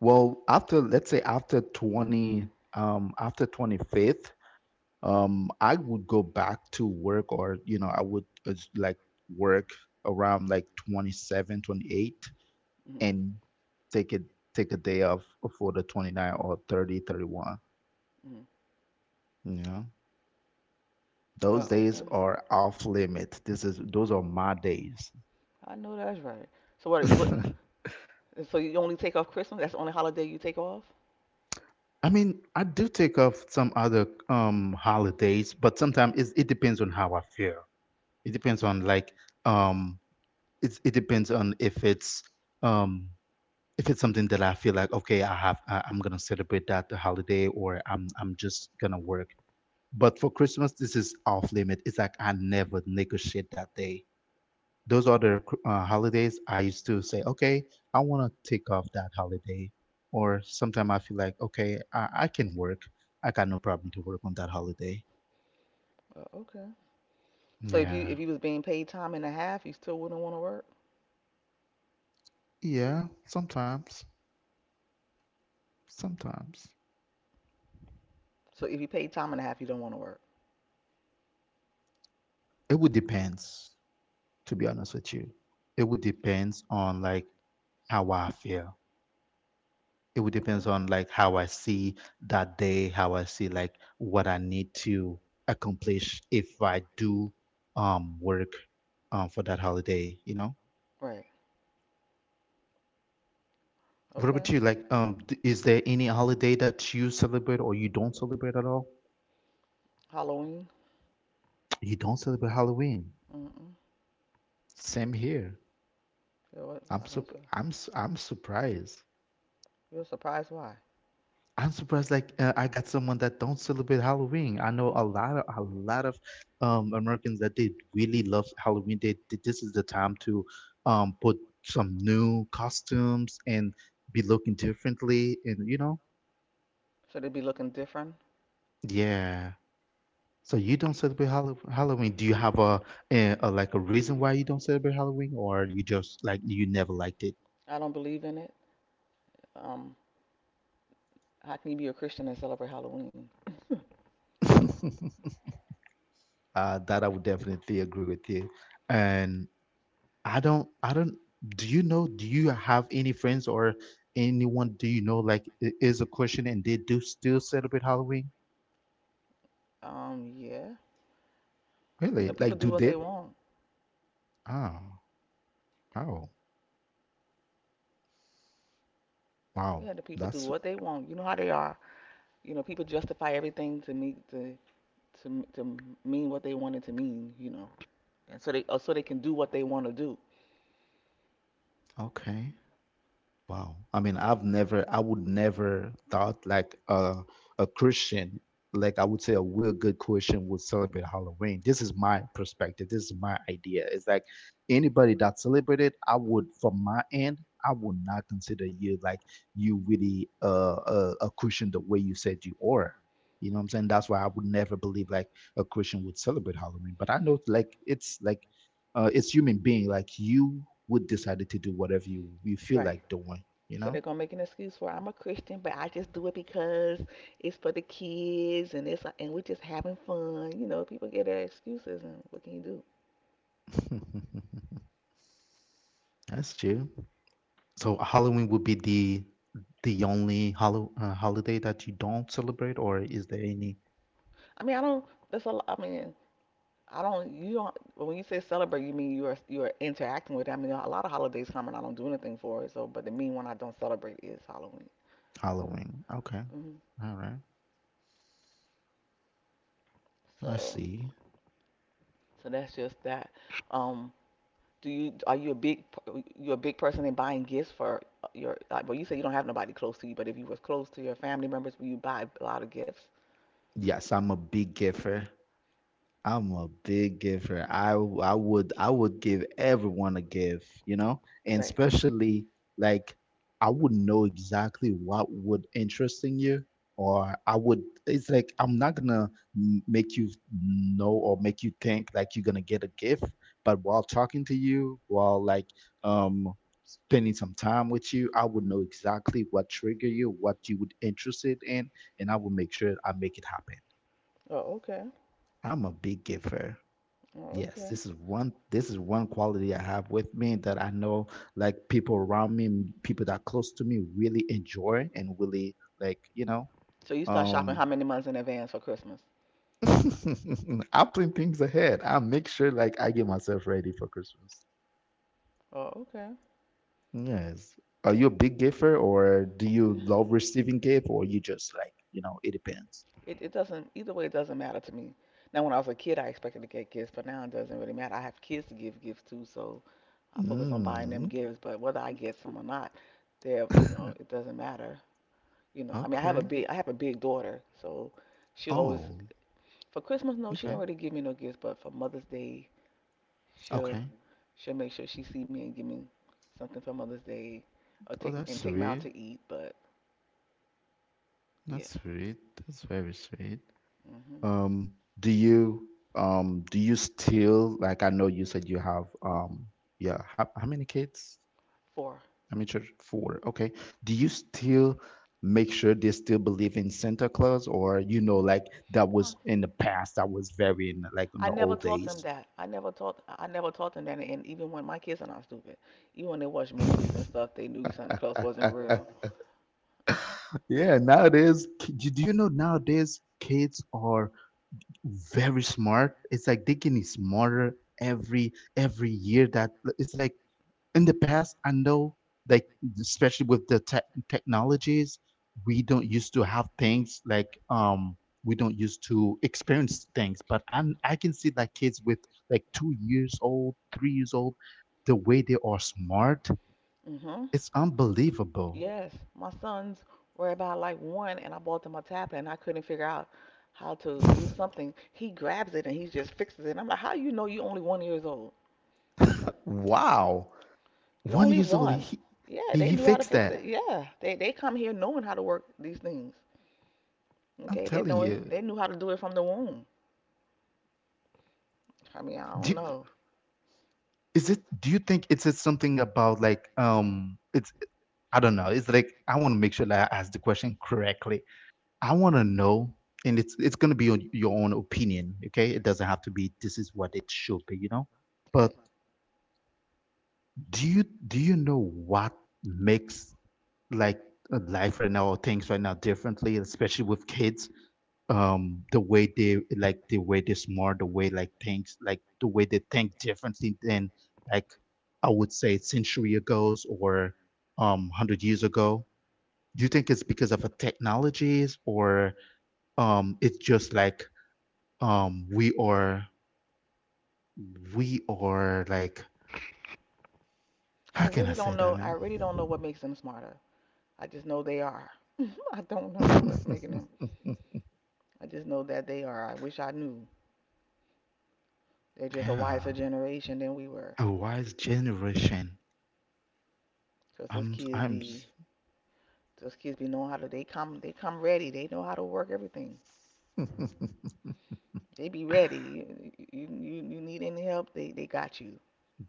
[SPEAKER 1] Well, after, let's say after 20, after 25th, I would go back to work or, you know, I would like work around like 27, 28.
[SPEAKER 2] Mm-hmm.
[SPEAKER 1] And take it take a day off for the 29 or 30, 31.
[SPEAKER 2] Mm-hmm.
[SPEAKER 1] 31, you know,
[SPEAKER 2] Oh,
[SPEAKER 1] those
[SPEAKER 2] okay.
[SPEAKER 1] days are off limit. This is, those are my days.
[SPEAKER 2] I know that's right. So what,
[SPEAKER 1] i
[SPEAKER 2] so you only take off Christmas? That's the only holiday you take off?
[SPEAKER 1] mean I do take off some other holidays, but sometimes it depends on how I feel. It depends on like, um it depends on if it's, um if it's something that I feel like, okay, I'm gonna celebrate that holiday, or I'm just gonna work. But for Christmas, this is off limit. It's like I never negotiate that day. Those are the holidays I used to say, okay, I want to take off that holiday. Or sometimes I feel like, okay, I can work. I got no problem to work on that holiday.
[SPEAKER 2] Oh, okay. So if you
[SPEAKER 1] Yeah.
[SPEAKER 2] was being paid time and a half, you still wouldn't want to work?
[SPEAKER 1] Yeah. Sometimes. Sometimes.
[SPEAKER 2] So if you paid time and a half, you don't want to work.
[SPEAKER 1] It would depends, to be honest with you. It would depends on like how I feel. It would depends
[SPEAKER 2] Okay.
[SPEAKER 1] on like how I see that day, how I see like what I need to accomplish if I do work for that holiday, you know?
[SPEAKER 2] Right.
[SPEAKER 1] What about
[SPEAKER 2] Okay.
[SPEAKER 1] you? Like, is there any holiday that you celebrate or you don't celebrate at all?
[SPEAKER 2] Halloween.
[SPEAKER 1] You don't celebrate Halloween.
[SPEAKER 2] Mm-mm.
[SPEAKER 1] Same here.
[SPEAKER 2] Yeah, what? I don't.
[SPEAKER 1] I'm surprised.
[SPEAKER 2] You're surprised why?
[SPEAKER 1] I'm surprised like, I got someone that don't celebrate Halloween. I know a lot of Americans that they really love Halloween. They this is the time to put some new costumes and be looking differently, and you know.
[SPEAKER 2] Should it be looking different?
[SPEAKER 1] Yeah. So you don't celebrate Halloween. Do you have a, a like a reason why you don't celebrate Halloween, or you just like you never liked it?
[SPEAKER 2] I don't believe in it. Um. How can you be a Christian and celebrate Halloween? I don't.
[SPEAKER 1] That I would definitely agree with you. And I don't, do you know, do you have any friends or anyone do you know like is a Christian and they do still celebrate Halloween?
[SPEAKER 2] Yeah. You
[SPEAKER 1] Really?
[SPEAKER 2] know, people
[SPEAKER 1] Like,
[SPEAKER 2] do
[SPEAKER 1] do
[SPEAKER 2] what
[SPEAKER 1] they?
[SPEAKER 2] they want.
[SPEAKER 1] Oh, oh, wow.
[SPEAKER 2] Yeah, the people do
[SPEAKER 1] That's
[SPEAKER 2] what they want. You know how they are. You know, people justify everything to meet to mean what they want it to mean. You know, and so they or so they can do what they want to do.
[SPEAKER 1] okay. Wow. I would never thought like a Christian, like I would say a real good Christian would celebrate Halloween. This is my perspective. This is my idea. It's like anybody that celebrated, I would, from my end, I would not consider you like you really, a Christian the way you said you are. You know what I'm saying? That's why I would never believe like a Christian would celebrate Halloween. But I know like it's like, it's human being. Like you We decided to do whatever you we feel
[SPEAKER 2] Right.
[SPEAKER 1] like doing, you
[SPEAKER 2] So they're
[SPEAKER 1] know?
[SPEAKER 2] gonna make an excuse for I'm a Christian, but I just do it because it's for the kids and it's and we're just having fun. You know, people get their excuses, and what can you do?
[SPEAKER 1] That's true. So Halloween would be the only holiday that you don't celebrate, or is there any.
[SPEAKER 2] I mean, I don't. That's a. I mean, I don't. You don't. When you say celebrate, you mean you are interacting with it. I mean, a lot of holidays come and I don't do anything for it. So, but the mean one I don't celebrate is Halloween.
[SPEAKER 1] Halloween? Okay,
[SPEAKER 2] Hmm.
[SPEAKER 1] all right, I
[SPEAKER 2] So,
[SPEAKER 1] see.
[SPEAKER 2] so, that's just that. Um, do you are you a big person in buying gifts for your? Like, well, you say you don't have nobody close to you, but if you was close to your family members, will you buy a lot of gifts?
[SPEAKER 1] Yes, I'm a big giver. I'm a big giver. I would I would give everyone a gift, you know? And
[SPEAKER 2] Right.
[SPEAKER 1] especially like I would know exactly what would interest in you, or I would, it's like I'm not gonna make you know, or make you think like you're gonna get a gift, but while talking to you, while like um spending some time with you, I would know exactly what trigger you, what you would interested in, and I will make sure I make it happen.
[SPEAKER 2] Oh, okay.
[SPEAKER 1] I'm a big giver.
[SPEAKER 2] Oh,
[SPEAKER 1] Yes,
[SPEAKER 2] okay.
[SPEAKER 1] this is one, this is one quality I have with me that I know like people around me, people that are close to me really enjoy and really like, you know.
[SPEAKER 2] So you start shopping
[SPEAKER 1] um
[SPEAKER 2] how many months in advance for Christmas?
[SPEAKER 1] I plan things ahead. I make sure like I get myself ready for Christmas.
[SPEAKER 2] Oh, okay.
[SPEAKER 1] Yes. Are you a big giver, or do you love receiving gift, or you just like, you know, it depends.
[SPEAKER 2] It doesn't either way. It doesn't matter to me. Now, when I was a kid, I expected to get gifts, but now it doesn't really matter. I have kids to give gifts to, so I focus on buying them
[SPEAKER 1] Mm.
[SPEAKER 2] gifts. But whether I get some or not, they're, it doesn't matter. You know, I mean, I have a
[SPEAKER 1] Okay.
[SPEAKER 2] big I have a big daughter, so she always
[SPEAKER 1] Oh,
[SPEAKER 2] for Christmas. No, she don't
[SPEAKER 1] okay.
[SPEAKER 2] really give me no gifts, but for Mother's Day, she'll
[SPEAKER 1] Okay.
[SPEAKER 2] she'll make sure she see me and give me something for Mother's Day, or
[SPEAKER 1] Oh,
[SPEAKER 2] take me
[SPEAKER 1] that's
[SPEAKER 2] and take me out
[SPEAKER 1] sweet.
[SPEAKER 2] to eat. But yeah.
[SPEAKER 1] That's sweet. That's very sweet.
[SPEAKER 2] hmm
[SPEAKER 1] Um, do you do you still like, I know you said you have yeah, how many kids?
[SPEAKER 2] Four.
[SPEAKER 1] I mean, children? Four. Okay. Do you still make sure they still believe in Santa Claus, or you know like that
[SPEAKER 2] Huh.
[SPEAKER 1] was in the past, that was very in like in
[SPEAKER 2] I
[SPEAKER 1] the
[SPEAKER 2] never
[SPEAKER 1] old
[SPEAKER 2] taught them
[SPEAKER 1] days?
[SPEAKER 2] that. I never taught them that, and even when my kids are not stupid. Even when they watch movies and stuff, they knew Santa Claus wasn't real.
[SPEAKER 1] Yeah, nowadays, do you know nowadays kids are very smart. It's like they getting smarter every year that, it's like in the past I know like, especially with the technologies, we don't used to have things like, we don't used to experience things, but I can see like kids with like 2 years old, 3 years old, the way they are smart,
[SPEAKER 2] Mhm.
[SPEAKER 1] it's unbelievable.
[SPEAKER 2] Yes. My sons were about like one, and I bought them a tablet and I couldn't figure out how to do something. He grabs it and he just fixes it. And I'm like, how you know you only 1 years old?
[SPEAKER 1] Wow.
[SPEAKER 2] You're
[SPEAKER 1] one
[SPEAKER 2] only
[SPEAKER 1] years old,
[SPEAKER 2] one.
[SPEAKER 1] he
[SPEAKER 2] Yeah,
[SPEAKER 1] he,
[SPEAKER 2] they
[SPEAKER 1] he
[SPEAKER 2] knew how to
[SPEAKER 1] fixed
[SPEAKER 2] fix
[SPEAKER 1] that,
[SPEAKER 2] it. Yeah. They come here knowing how to work these things.
[SPEAKER 1] I'm
[SPEAKER 2] Okay, they
[SPEAKER 1] telling
[SPEAKER 2] know it,
[SPEAKER 1] you.
[SPEAKER 2] they knew how to do it from the womb. I mean, I don't
[SPEAKER 1] Do,
[SPEAKER 2] know.
[SPEAKER 1] is it, do you think it's just something about like, it's, I don't know. It's like I want to make sure that I ask the question correctly. I want to know, and it's going to be on your own opinion. Okay, it doesn't have to be. This is what it should be, you know. But
[SPEAKER 2] Right.
[SPEAKER 1] do you know what makes like, life right now or things right now differently, especially with kids? The way they like, the way they smart, the way like things, like the way they think differently than like I would say century ago, or 100 years ago. Do you think it's because of a technologies, or it's just like, we are, we are like,
[SPEAKER 2] I
[SPEAKER 1] how can I
[SPEAKER 2] really
[SPEAKER 1] say
[SPEAKER 2] don't
[SPEAKER 1] that,
[SPEAKER 2] know. I
[SPEAKER 1] man?
[SPEAKER 2] really don't know what makes them smarter. I just know they are. I don't know what's making them. I just know that they are. I wish I knew. They're just a
[SPEAKER 1] Yeah,
[SPEAKER 2] wiser generation than we were.
[SPEAKER 1] a wise generation.
[SPEAKER 2] 'Cause
[SPEAKER 1] i'm i'm
[SPEAKER 2] those kids be knowing how to. They come ready. They know how to work everything. They be ready. You need any help? They got you.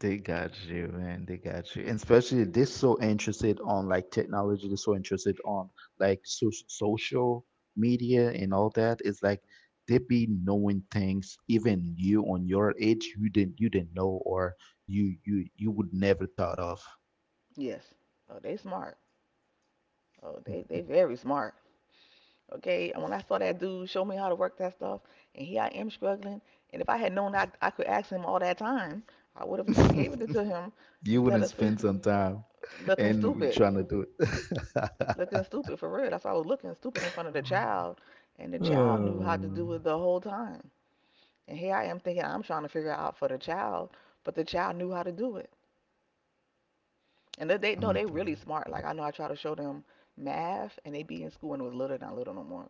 [SPEAKER 1] They got you, man. They got you. And especially they're so interested on like technology, they're so interested on like social media and all that. It's like they be knowing things even you on your age you didn't, you didn't know, or you would never thought of.
[SPEAKER 2] Yes. Oh, they smart. Oh, they very smart. Okay. And when I saw that dude show me how to work that stuff, and here I am struggling. And if I had known, I could ask him all that time, I would have just gave it to him
[SPEAKER 1] You
[SPEAKER 2] instead
[SPEAKER 1] wouldn't
[SPEAKER 2] of
[SPEAKER 1] spend some time
[SPEAKER 2] looking
[SPEAKER 1] and
[SPEAKER 2] stupid.
[SPEAKER 1] trying to do it.
[SPEAKER 2] Looking stupid for real. That's why I was looking stupid in front of the child. And the child knew how to
[SPEAKER 1] Oh,
[SPEAKER 2] do it the whole time. And here I am thinking I'm trying to figure it out for the child, but the child knew how to do it. And they know they really
[SPEAKER 1] unbelievable.
[SPEAKER 2] smart. Like I know I try to show them math and they be in school, and it was little, not little no more.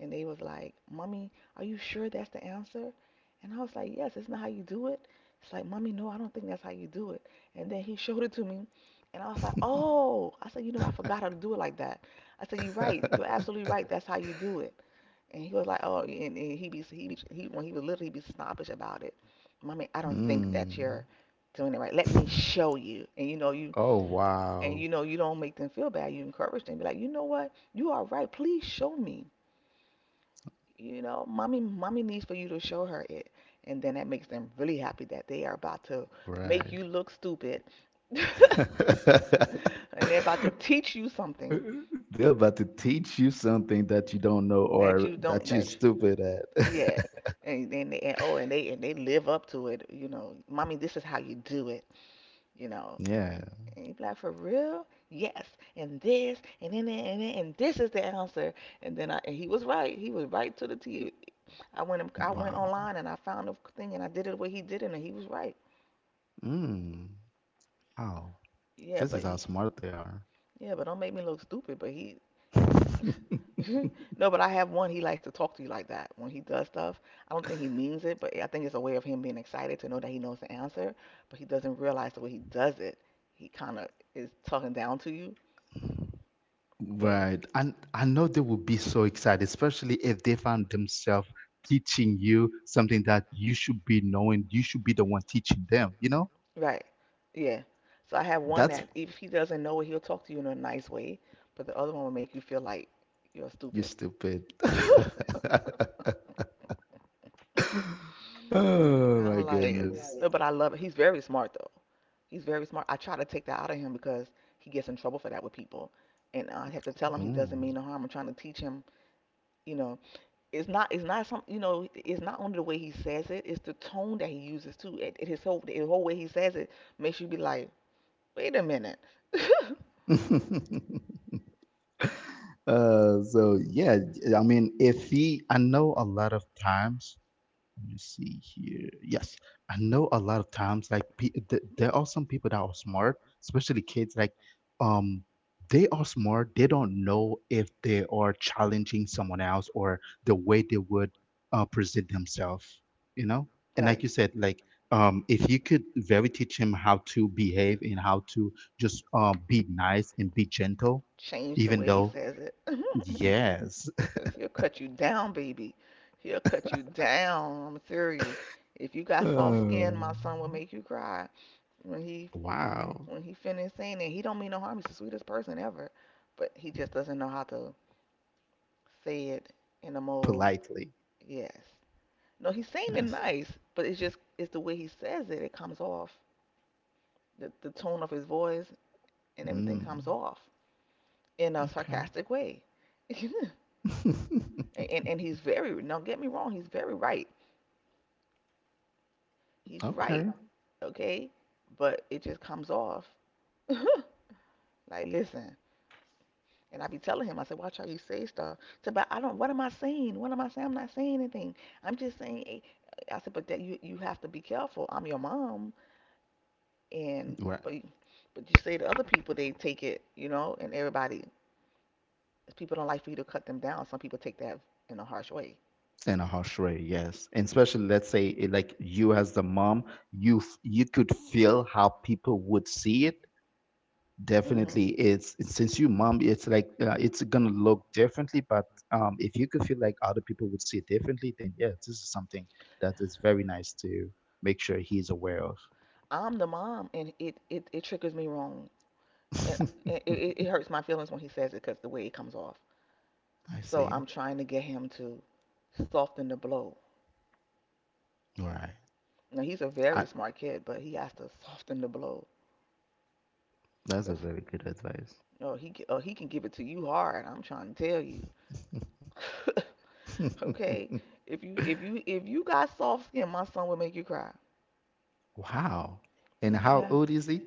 [SPEAKER 2] And they was like, "Mommy, are you sure that's the answer?" And I was like, "Yes, isn't that how you do it?" It's like, "Mommy, no, I don't think that's how you do it." And then he showed it to me. And I was like, "Oh." I said, "You know, I forgot how to do it like that." I said, "You're right. You're absolutely right. That's how you do it." And he was like, oh, and when he was little, he be snobbish about it. "Mommy, I don't think that you're
[SPEAKER 1] Hmm.
[SPEAKER 2] doing it right. Let me show you." And you know,
[SPEAKER 1] Oh
[SPEAKER 2] and
[SPEAKER 1] wow.
[SPEAKER 2] you know, you don't make them feel bad. You encourage them. Be like, "You know what? You are right. Please show me. You know, mommy, mommy needs for you to show her it," and then that makes them really happy that they are about to make
[SPEAKER 1] Right.
[SPEAKER 2] you look stupid, and they're about to teach you something
[SPEAKER 1] They're about to teach you something that you don't know,
[SPEAKER 2] that
[SPEAKER 1] or
[SPEAKER 2] you don't,
[SPEAKER 1] that you're stupid at.
[SPEAKER 2] yeah, and then and oh, and they live up to it. "You know, mommy, this is how you do it." You know,
[SPEAKER 1] Yeah.
[SPEAKER 2] and you be like, for real? Yes, and this is the answer. And then I and he was right. He was right to the T. I went
[SPEAKER 1] Wow.
[SPEAKER 2] online and I found the thing and I did it the way he did it and he was right.
[SPEAKER 1] Mm. Wow.
[SPEAKER 2] Yeah,
[SPEAKER 1] This is
[SPEAKER 2] but
[SPEAKER 1] how
[SPEAKER 2] he
[SPEAKER 1] smart they are.
[SPEAKER 2] yeah, but don't make me look stupid. But he no, but I have one. He likes to talk to you like that when he does stuff. I don't think he means it, but I think it's a way of him being excited to know that he knows the answer, but he doesn't realize the way he does it. He kind of is talking down to you, but
[SPEAKER 1] Right. And I know they would be so excited, especially if they found themselves teaching you something that you should be knowing. You should be the one teaching them, you know?
[SPEAKER 2] right, yeah. So I have one
[SPEAKER 1] That's
[SPEAKER 2] that, if he doesn't know it, he'll talk to you in a nice way, but the other one will make you feel like you're
[SPEAKER 1] you
[SPEAKER 2] stupid.
[SPEAKER 1] stupid. Oh
[SPEAKER 2] And
[SPEAKER 1] my
[SPEAKER 2] I'm
[SPEAKER 1] love
[SPEAKER 2] like,
[SPEAKER 1] goodness. It.
[SPEAKER 2] no, but I love it. He's very smart though. He's very smart. I try to take that out of him because he gets in trouble for that with people, and I have to tell him he doesn't
[SPEAKER 1] Mm.
[SPEAKER 2] mean no harm. I'm trying to teach him, you know, it's not some, you know, it's not only the way he says it, it's the tone that he uses too. It his whole, the whole way he says it makes you be like, wait a minute.
[SPEAKER 1] Uh, so yeah, I mean, if he, I know a lot of times, let me see here. Yes, I know a lot of times like there are some people that are smart, especially kids. Like, um, they are smart. They don't know if they are challenging someone else, or the way they would, present themselves. You know, and like
[SPEAKER 2] Right?
[SPEAKER 1] you said, like, if you could very teach him how to behave and how to just, be nice and be gentle,
[SPEAKER 2] Change the
[SPEAKER 1] even
[SPEAKER 2] way he
[SPEAKER 1] though
[SPEAKER 2] says it.
[SPEAKER 1] yes.
[SPEAKER 2] Cause he'll cut you down, baby. He'll cut you down. I'm serious. If you got soft
[SPEAKER 1] Uh,
[SPEAKER 2] skin, my son will make you cry. When he
[SPEAKER 1] wow,
[SPEAKER 2] when he finished saying it, he don't mean no harm. He's the sweetest person ever, but he just doesn't know how to say it in a more,
[SPEAKER 1] politely.
[SPEAKER 2] yes. No, he's saying it
[SPEAKER 1] Yes.
[SPEAKER 2] nice, but it's just it's the way he says it. It comes off, the tone of his voice and everything comes
[SPEAKER 1] Mm,
[SPEAKER 2] off in a
[SPEAKER 1] okay.
[SPEAKER 2] sarcastic way. and, and he's very, do get me wrong. He's very right. He's right,
[SPEAKER 1] Okay.
[SPEAKER 2] okay? But it just comes off. Like, listen. And I be telling him, I said, "Watch how you say stuff." He said, "But I don't, what am I saying? What am I saying? I'm not saying anything. I'm just saying, I said, "But that you, have to be careful. I'm your mom. And,
[SPEAKER 1] Right.
[SPEAKER 2] but, but you say to other people, they take it, you know, and everybody, people don't like for you to cut them down. Some people take that in a harsh way.
[SPEAKER 1] And a harsh way, yes. And especially, let's say, like you as the mom, you you could feel how people would see it.
[SPEAKER 2] hmm
[SPEAKER 1] Definitely, it's since you mom, it's like, it's gonna look differently. But, if you could feel like other people would see it differently, then yeah, this is something that is very nice to make sure he's aware of.
[SPEAKER 2] I'm the mom, and it triggers me wrong. And, and it hurts my feelings when he says it, because the way it comes off.
[SPEAKER 1] I
[SPEAKER 2] So
[SPEAKER 1] see.
[SPEAKER 2] I'm trying to get him to soften the blow.
[SPEAKER 1] Right.
[SPEAKER 2] Now he's a very
[SPEAKER 1] I,
[SPEAKER 2] smart kid, but he has to soften the blow
[SPEAKER 1] that's a
[SPEAKER 2] because,
[SPEAKER 1] very good advice.
[SPEAKER 2] oh, he can give it to you hard. I'm trying to tell you. Okay, if you if you got soft skin, my son will make you cry.
[SPEAKER 1] Wow. And
[SPEAKER 2] If you
[SPEAKER 1] how
[SPEAKER 2] have
[SPEAKER 1] old is he?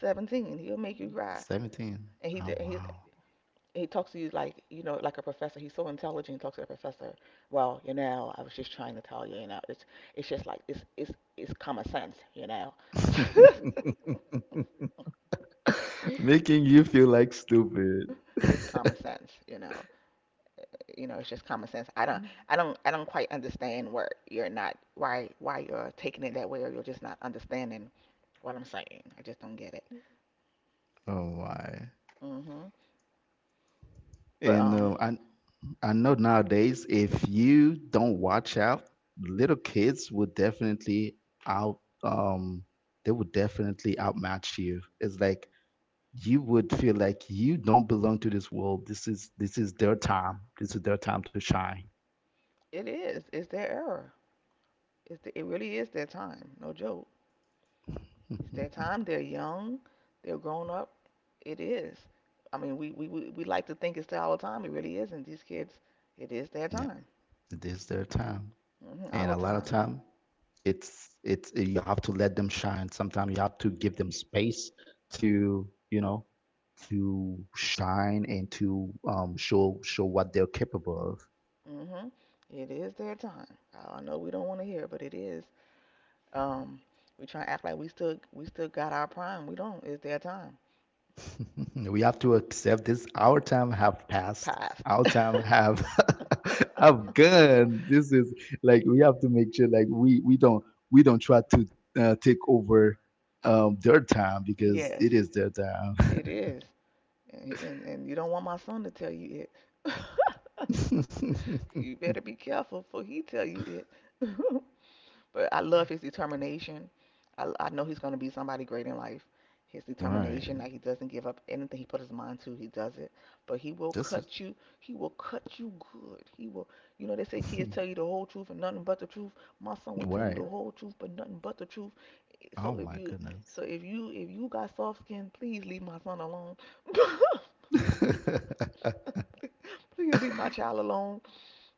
[SPEAKER 2] 17, he'll make you cry.
[SPEAKER 1] 17.
[SPEAKER 2] And he
[SPEAKER 1] Oh,
[SPEAKER 2] did- he's
[SPEAKER 1] wow.
[SPEAKER 2] he talks to you like, like a professor. He's so intelligent. He talks to the professor. I was just trying to tell you. You know, it's just like it's common sense. You know.
[SPEAKER 1] Making you feel like stupid.
[SPEAKER 2] It's common sense. It's just common sense. I don't quite understand where you're not, why you're taking it that way, or you're just not understanding what I'm saying. I just don't get it.
[SPEAKER 1] Oh, my.
[SPEAKER 2] hmm But
[SPEAKER 1] And,
[SPEAKER 2] um,
[SPEAKER 1] I know nowadays, if you don't watch out, little kids would definitely out, um, they would definitely outmatch you. It's like you would feel like you don't belong to this world. This is, this is their time. This is their time to shine.
[SPEAKER 2] it is. It's their era. It really is their time. No joke. It's their time. They're young. They're grown up. It is. I mean, we like to think it's our time. It really isn't. These kids. It is their
[SPEAKER 1] Yeah.
[SPEAKER 2] time.
[SPEAKER 1] It is their time, and a
[SPEAKER 2] Our
[SPEAKER 1] lot of
[SPEAKER 2] time.
[SPEAKER 1] time, it's you have to let them shine. Sometimes you have to give them space to, you know, to shine and to, show what they're capable of.
[SPEAKER 2] hmm It is their time. I know we don't want to hear, it, but it is. Um, we try to act like we still got our prime. We don't. It's their time.
[SPEAKER 1] We have to accept this. Our time have passed.
[SPEAKER 2] Past.
[SPEAKER 1] Our time have have gone. This is like we have to make sure like we don't, we don't try to, take over, their time, because
[SPEAKER 2] yes,
[SPEAKER 1] it is their time.
[SPEAKER 2] it is. And, he- and you don't want my son to tell you it. you better be careful, for he tell you it. But I love his determination. I know he's going to be somebody great in life. His
[SPEAKER 1] Right.
[SPEAKER 2] determination, like he doesn't give up anything he put his mind to, he does it. But he will
[SPEAKER 1] Just
[SPEAKER 2] cut you. He will cut you good. He will, you know, they say kids tell you the whole truth and nothing but the truth. My son will tell you
[SPEAKER 1] right.
[SPEAKER 2] the whole truth, but nothing but the truth.
[SPEAKER 1] Oh
[SPEAKER 2] So if
[SPEAKER 1] my
[SPEAKER 2] you,
[SPEAKER 1] goodness.
[SPEAKER 2] so if you got soft skin, please leave my son alone. please leave my child alone.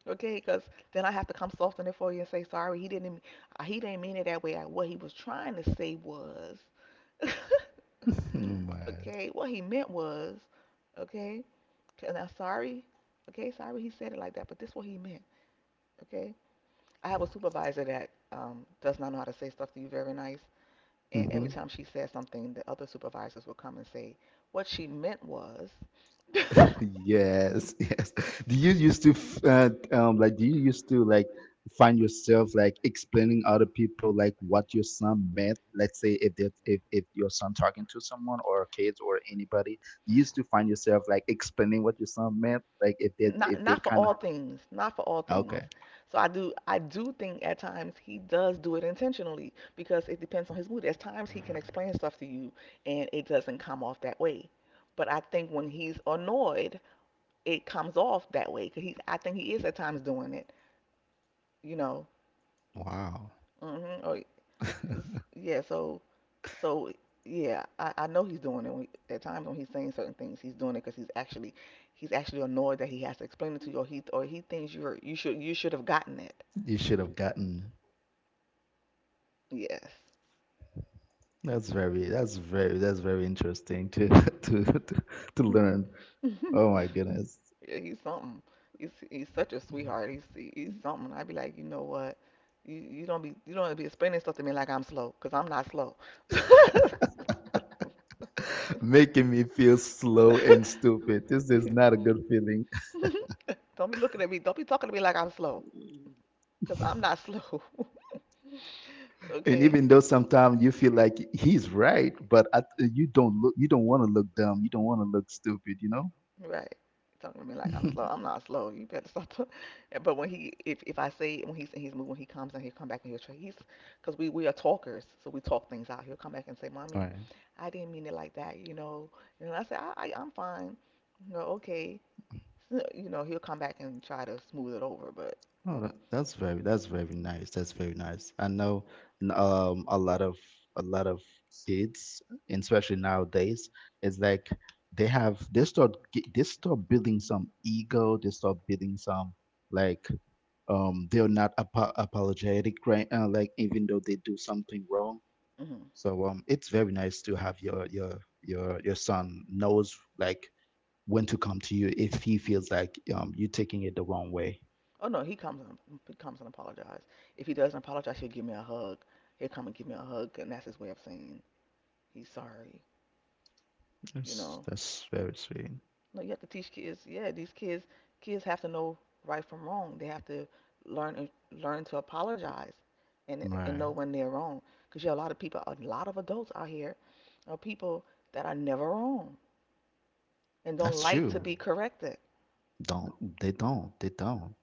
[SPEAKER 2] Okay, because then I have to come soften it for you and say sorry. He didn't. He didn't mean it that way. What he was trying to say was,
[SPEAKER 1] Oh my.
[SPEAKER 2] okay, what he meant was, okay, and I'm sorry. Okay, sorry he said it like that, but this is what he meant. Okay, I have a supervisor that does not know how to say stuff to you very nice, and every
[SPEAKER 1] Hmm.
[SPEAKER 2] time she says something, the other supervisors will come and say what she meant was.
[SPEAKER 1] Yes, yes. Do you used to like do you used to like find yourself like explaining other people like what your son meant? Let's say if that, if your son talking to someone or kids or anybody, you used to find yourself like explaining what your son meant, like if they, if
[SPEAKER 2] not
[SPEAKER 1] they
[SPEAKER 2] not for
[SPEAKER 1] kind of
[SPEAKER 2] all things, not for all things.
[SPEAKER 1] okay.
[SPEAKER 2] So I do think at times he does do it intentionally because it depends on his mood. At times he can explain stuff to you and it doesn't come off that way, but I think when he's annoyed, it comes off that way because he's, I think he is at times doing it, you know.
[SPEAKER 1] Wow.
[SPEAKER 2] hmm or, s- yeah, so yeah, I know he's doing it. When, at times when he's saying certain things, he's doing it because he's actually annoyed that he has to explain it to you, or he thinks you're you should have gotten it.
[SPEAKER 1] You should have gotten.
[SPEAKER 2] Yes,
[SPEAKER 1] That's very, that's very, that's very interesting to to to, to learn.
[SPEAKER 2] yeah,
[SPEAKER 1] Oh my goodness.
[SPEAKER 2] he's something. He's such a sweetheart. He's something. I'd be like, you know what? You don't be explaining stuff to me like I'm slow, I'm not slow.
[SPEAKER 1] Making me feel slow and stupid. This is not a good feeling.
[SPEAKER 2] don't be looking at me. Don't be talking to me like I'm slow, I'm not slow.
[SPEAKER 1] And
[SPEAKER 2] okay.
[SPEAKER 1] even though sometimes you feel like he's right, but you don't look, you don't want to look dumb. You don't want to look stupid, you know?
[SPEAKER 2] Right. Talking to me like I'm slow. I'm not slow. You better stop. But when he, if I say when he's in his mood, when he comes and he'll come back and he'll try. He's, cause we are talkers, so we talk things out. He'll come back and say,
[SPEAKER 1] All
[SPEAKER 2] "Mommy,
[SPEAKER 1] right.
[SPEAKER 2] I didn't mean it like that," you know. And I say, I I'm fine." You know, okay. So, you know, he'll come back and try to smooth it over, but.
[SPEAKER 1] Oh,
[SPEAKER 2] When,
[SPEAKER 1] that, that's very, that's very nice. That's very nice. I know a lot of a lot of kids, and especially nowadays, it's like they have they start they start building some ego. They start building some, like, they're not apologetic, right, like even though they do something wrong.
[SPEAKER 2] mhm.
[SPEAKER 1] So it's very nice to have your son knows, like, when to come to you if he feels like you're taking it the wrong way.
[SPEAKER 2] Oh no, he comes and apologizes. If he doesn't apologize, he'll give me a hug. He'll come and give me a hug, and that's his way of saying he's sorry. You
[SPEAKER 1] Yes,
[SPEAKER 2] know.
[SPEAKER 1] that's very sweet.
[SPEAKER 2] No, you have to teach kids. Yeah, these kids have to know right from wrong. They have to learn and learn to apologize and know
[SPEAKER 1] Right.
[SPEAKER 2] when they're wrong. Because yeah, a lot of people, a lot of adults out here are people that are never wrong and don't
[SPEAKER 1] That's
[SPEAKER 2] like to
[SPEAKER 1] true.
[SPEAKER 2] be corrected.
[SPEAKER 1] Don't They don't. They don't.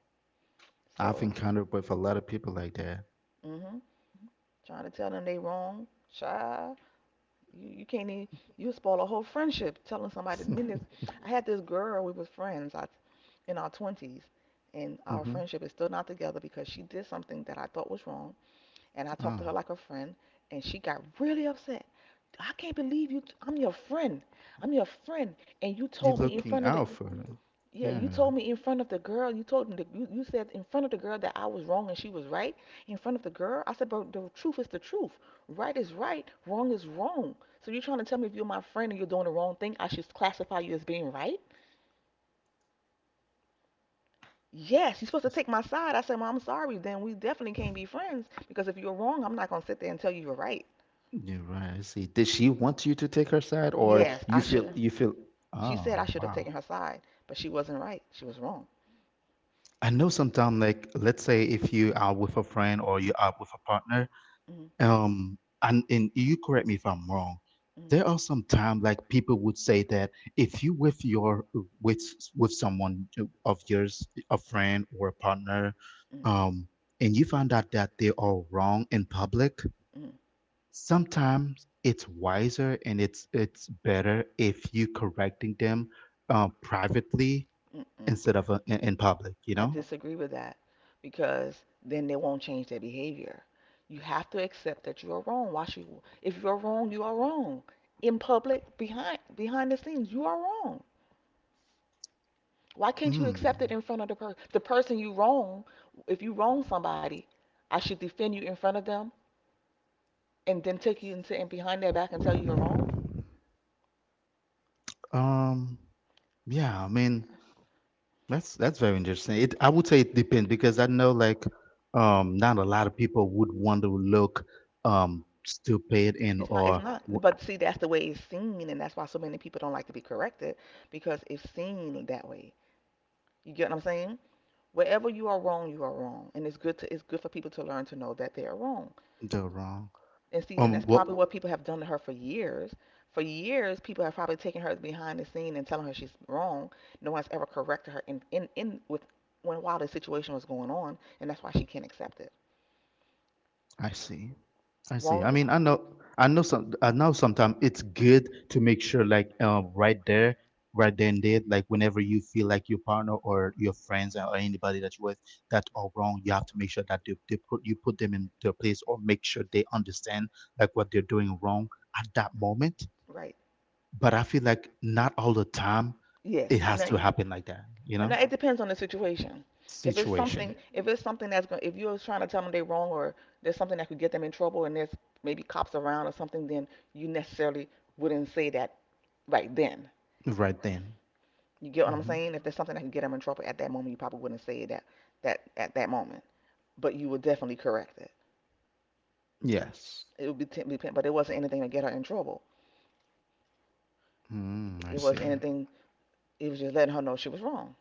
[SPEAKER 1] I've
[SPEAKER 2] So,
[SPEAKER 1] encountered with a lot of people like that.
[SPEAKER 2] mhm, trying to tell them they wrong, child, you can't even you spoil a whole friendship telling somebody. I mean, I had this girl. We was friends. I, in our twenties, and our
[SPEAKER 1] Mm-hmm.
[SPEAKER 2] friendship is still not together because she did something that I thought was wrong. And I talked to
[SPEAKER 1] Oh.
[SPEAKER 2] her like a friend, and she got really upset. I can't believe you. I'm your friend. I'm your friend, and you
[SPEAKER 1] You're
[SPEAKER 2] told me in
[SPEAKER 1] looking
[SPEAKER 2] front of the,
[SPEAKER 1] out for her.
[SPEAKER 2] yeah, you
[SPEAKER 1] Yeah.
[SPEAKER 2] told me in front of the girl. You told me you said in front of the girl that I was wrong and she was right. In front of the girl, I said, but the truth is the truth. Right is right. Wrong is wrong. So you're trying to tell me if you're my friend and you're doing the wrong thing, I should classify you as being right? Yes, you're supposed to
[SPEAKER 1] Yes.
[SPEAKER 2] take my side. I said, well, I'm sorry. Then we definitely can't be friends because if you're wrong, I'm not gonna sit there and tell you you're right.
[SPEAKER 1] You're right. I see. Did she want you to take her side, or
[SPEAKER 2] Yes,
[SPEAKER 1] you
[SPEAKER 2] I
[SPEAKER 1] feel
[SPEAKER 2] should.
[SPEAKER 1] you feel
[SPEAKER 2] She
[SPEAKER 1] Oh,
[SPEAKER 2] said I should have
[SPEAKER 1] wow.
[SPEAKER 2] taken her side, but she wasn't right. She was wrong.
[SPEAKER 1] I know, sometimes, like, let's say if you are with a friend or you're out with a partner,
[SPEAKER 2] Mm,
[SPEAKER 1] and you correct me if I'm wrong, there
[SPEAKER 2] mm,
[SPEAKER 1] are some time, like, people would say that if you with your with with someone, of yours, a friend or a partner,
[SPEAKER 2] mm,
[SPEAKER 1] um and you find out that they are wrong in public,
[SPEAKER 2] mm,
[SPEAKER 1] sometimes it's wiser and it's better if you correcting them, privately,
[SPEAKER 2] mm, mm.
[SPEAKER 1] instead of in public you
[SPEAKER 2] I
[SPEAKER 1] know
[SPEAKER 2] disagree with that because then they won't change their behavior. You have to accept that you are wrong. Why should you? If you're wrong, you are wrong. In public, behind the scenes, you are wrong. Why can't you accept it
[SPEAKER 1] Mm.
[SPEAKER 2] in front of the person? The person you wrong, if you wrong somebody, I should defend you in front of them and then take you into and behind their back and tell you you're wrong.
[SPEAKER 1] um yeah, I mean, that's very interesting. It I would say it depends, because I know, like, not a lot of people would want to look stupid, and
[SPEAKER 2] It's not. It's
[SPEAKER 1] or
[SPEAKER 2] not.
[SPEAKER 1] w-
[SPEAKER 2] But see, that's the way it's seen, and that's why so many people don't like to be corrected because it's seen that way. You get what I'm saying? Wherever you are wrong, and it's good to. It's good for people to learn to know that they are wrong.
[SPEAKER 1] the wrong.
[SPEAKER 2] And see, and that's
[SPEAKER 1] What
[SPEAKER 2] probably what people have done to her for years. For years, people have probably taken her behind the scene and telling her she's wrong. No one's ever corrected her in with when while the situation was going on, and that's why she can't accept it.
[SPEAKER 1] I see. I see. I
[SPEAKER 2] Wrong.
[SPEAKER 1] mean, I know, sometimes it's good to make sure, like, right then and there, like, whenever you feel like your partner or your friends or anybody that you're with that are wrong, you have to make sure that they put them in their place, or make sure they understand, like, what they're doing wrong at that moment.
[SPEAKER 2] Right.
[SPEAKER 1] But I feel like not all the time
[SPEAKER 2] Yes.
[SPEAKER 1] it
[SPEAKER 2] I
[SPEAKER 1] has
[SPEAKER 2] know.
[SPEAKER 1] to happen like that, you know?
[SPEAKER 2] Now it depends on the situation. If it's
[SPEAKER 1] Situation,
[SPEAKER 2] something, that's going, if you're trying to tell them they're wrong or there's something that could get them in trouble and there's maybe cops around or something, then you necessarily wouldn't say that right then.
[SPEAKER 1] right then.
[SPEAKER 2] You get what I'm
[SPEAKER 1] Hmm.
[SPEAKER 2] saying? If there's something that can get them in trouble at that moment, you probably wouldn't say that at that moment, but you would definitely correct it.
[SPEAKER 1] Yes.
[SPEAKER 2] It would be depend, but it wasn't anything to get her in trouble.
[SPEAKER 1] Mm, I
[SPEAKER 2] It
[SPEAKER 1] see.
[SPEAKER 2] was anything. It was just letting her know she was wrong.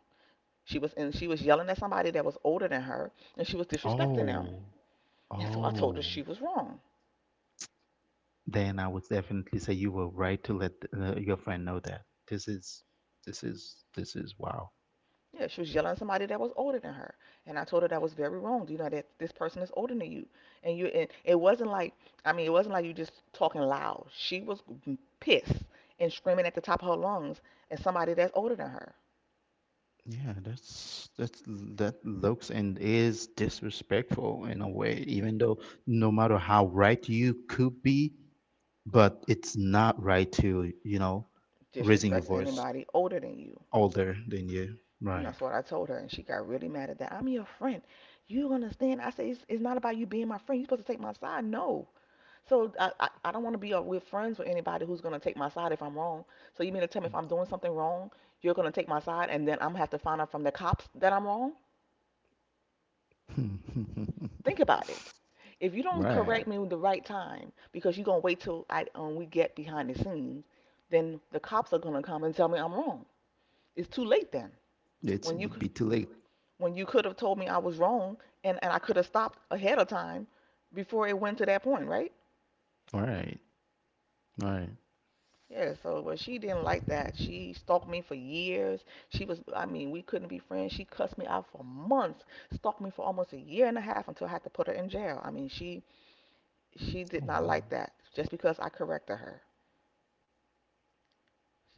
[SPEAKER 2] She was and she was yelling at somebody that was older than her, and she was disrespecting them.
[SPEAKER 1] Oh,
[SPEAKER 2] And so I told her
[SPEAKER 1] oh.
[SPEAKER 2] she was wrong.
[SPEAKER 1] Then I would definitely say you were right to let your friend know that this is this is, wow.
[SPEAKER 2] Yeah, she was yelling at somebody that was older than her, and I told her that was very wrong. You know that this person is older than you, and you and it wasn't like I mean it wasn't like you just talking loud. She was pissed and screaming at the top of her lungs at somebody that's older than her.
[SPEAKER 1] Yeah, that looks and is disrespectful in a way, even though no matter how right you could be, but it's not right to, raising your
[SPEAKER 2] Disrespect
[SPEAKER 1] voice
[SPEAKER 2] anybody older than you,
[SPEAKER 1] older than you.
[SPEAKER 2] and
[SPEAKER 1] Right.
[SPEAKER 2] that's what I told her, and she got really mad at that. I'm your friend. You understand? I say it's not about you being my friend. You're supposed to take my side. No, so I don't want to be with friends with anybody who's going to take my side if I'm wrong. So you mean to tell me if I'm doing something wrong, you're going to take my side and then I'm going to have to find out from the cops that I'm wrong? Think about it. If you don't correct
[SPEAKER 1] Right.
[SPEAKER 2] me with the right time because you're going to wait till we get behind the scenes, then the cops are going to come and tell me I'm wrong. It's too late then.
[SPEAKER 1] It
[SPEAKER 2] When you
[SPEAKER 1] would
[SPEAKER 2] c-
[SPEAKER 1] be too late.
[SPEAKER 2] when you could have told me I was wrong and I could have stopped ahead of time before it went to that point, right?
[SPEAKER 1] Right. Right.
[SPEAKER 2] Yeah, so but she didn't like that. She stalked me for years. She was, I mean, we couldn't be friends. She cussed me out for months, stalked me for almost a year and a half until I had to put her in jail. I mean, she did
[SPEAKER 1] Oh,
[SPEAKER 2] not
[SPEAKER 1] wow.
[SPEAKER 2] like that just because I corrected her.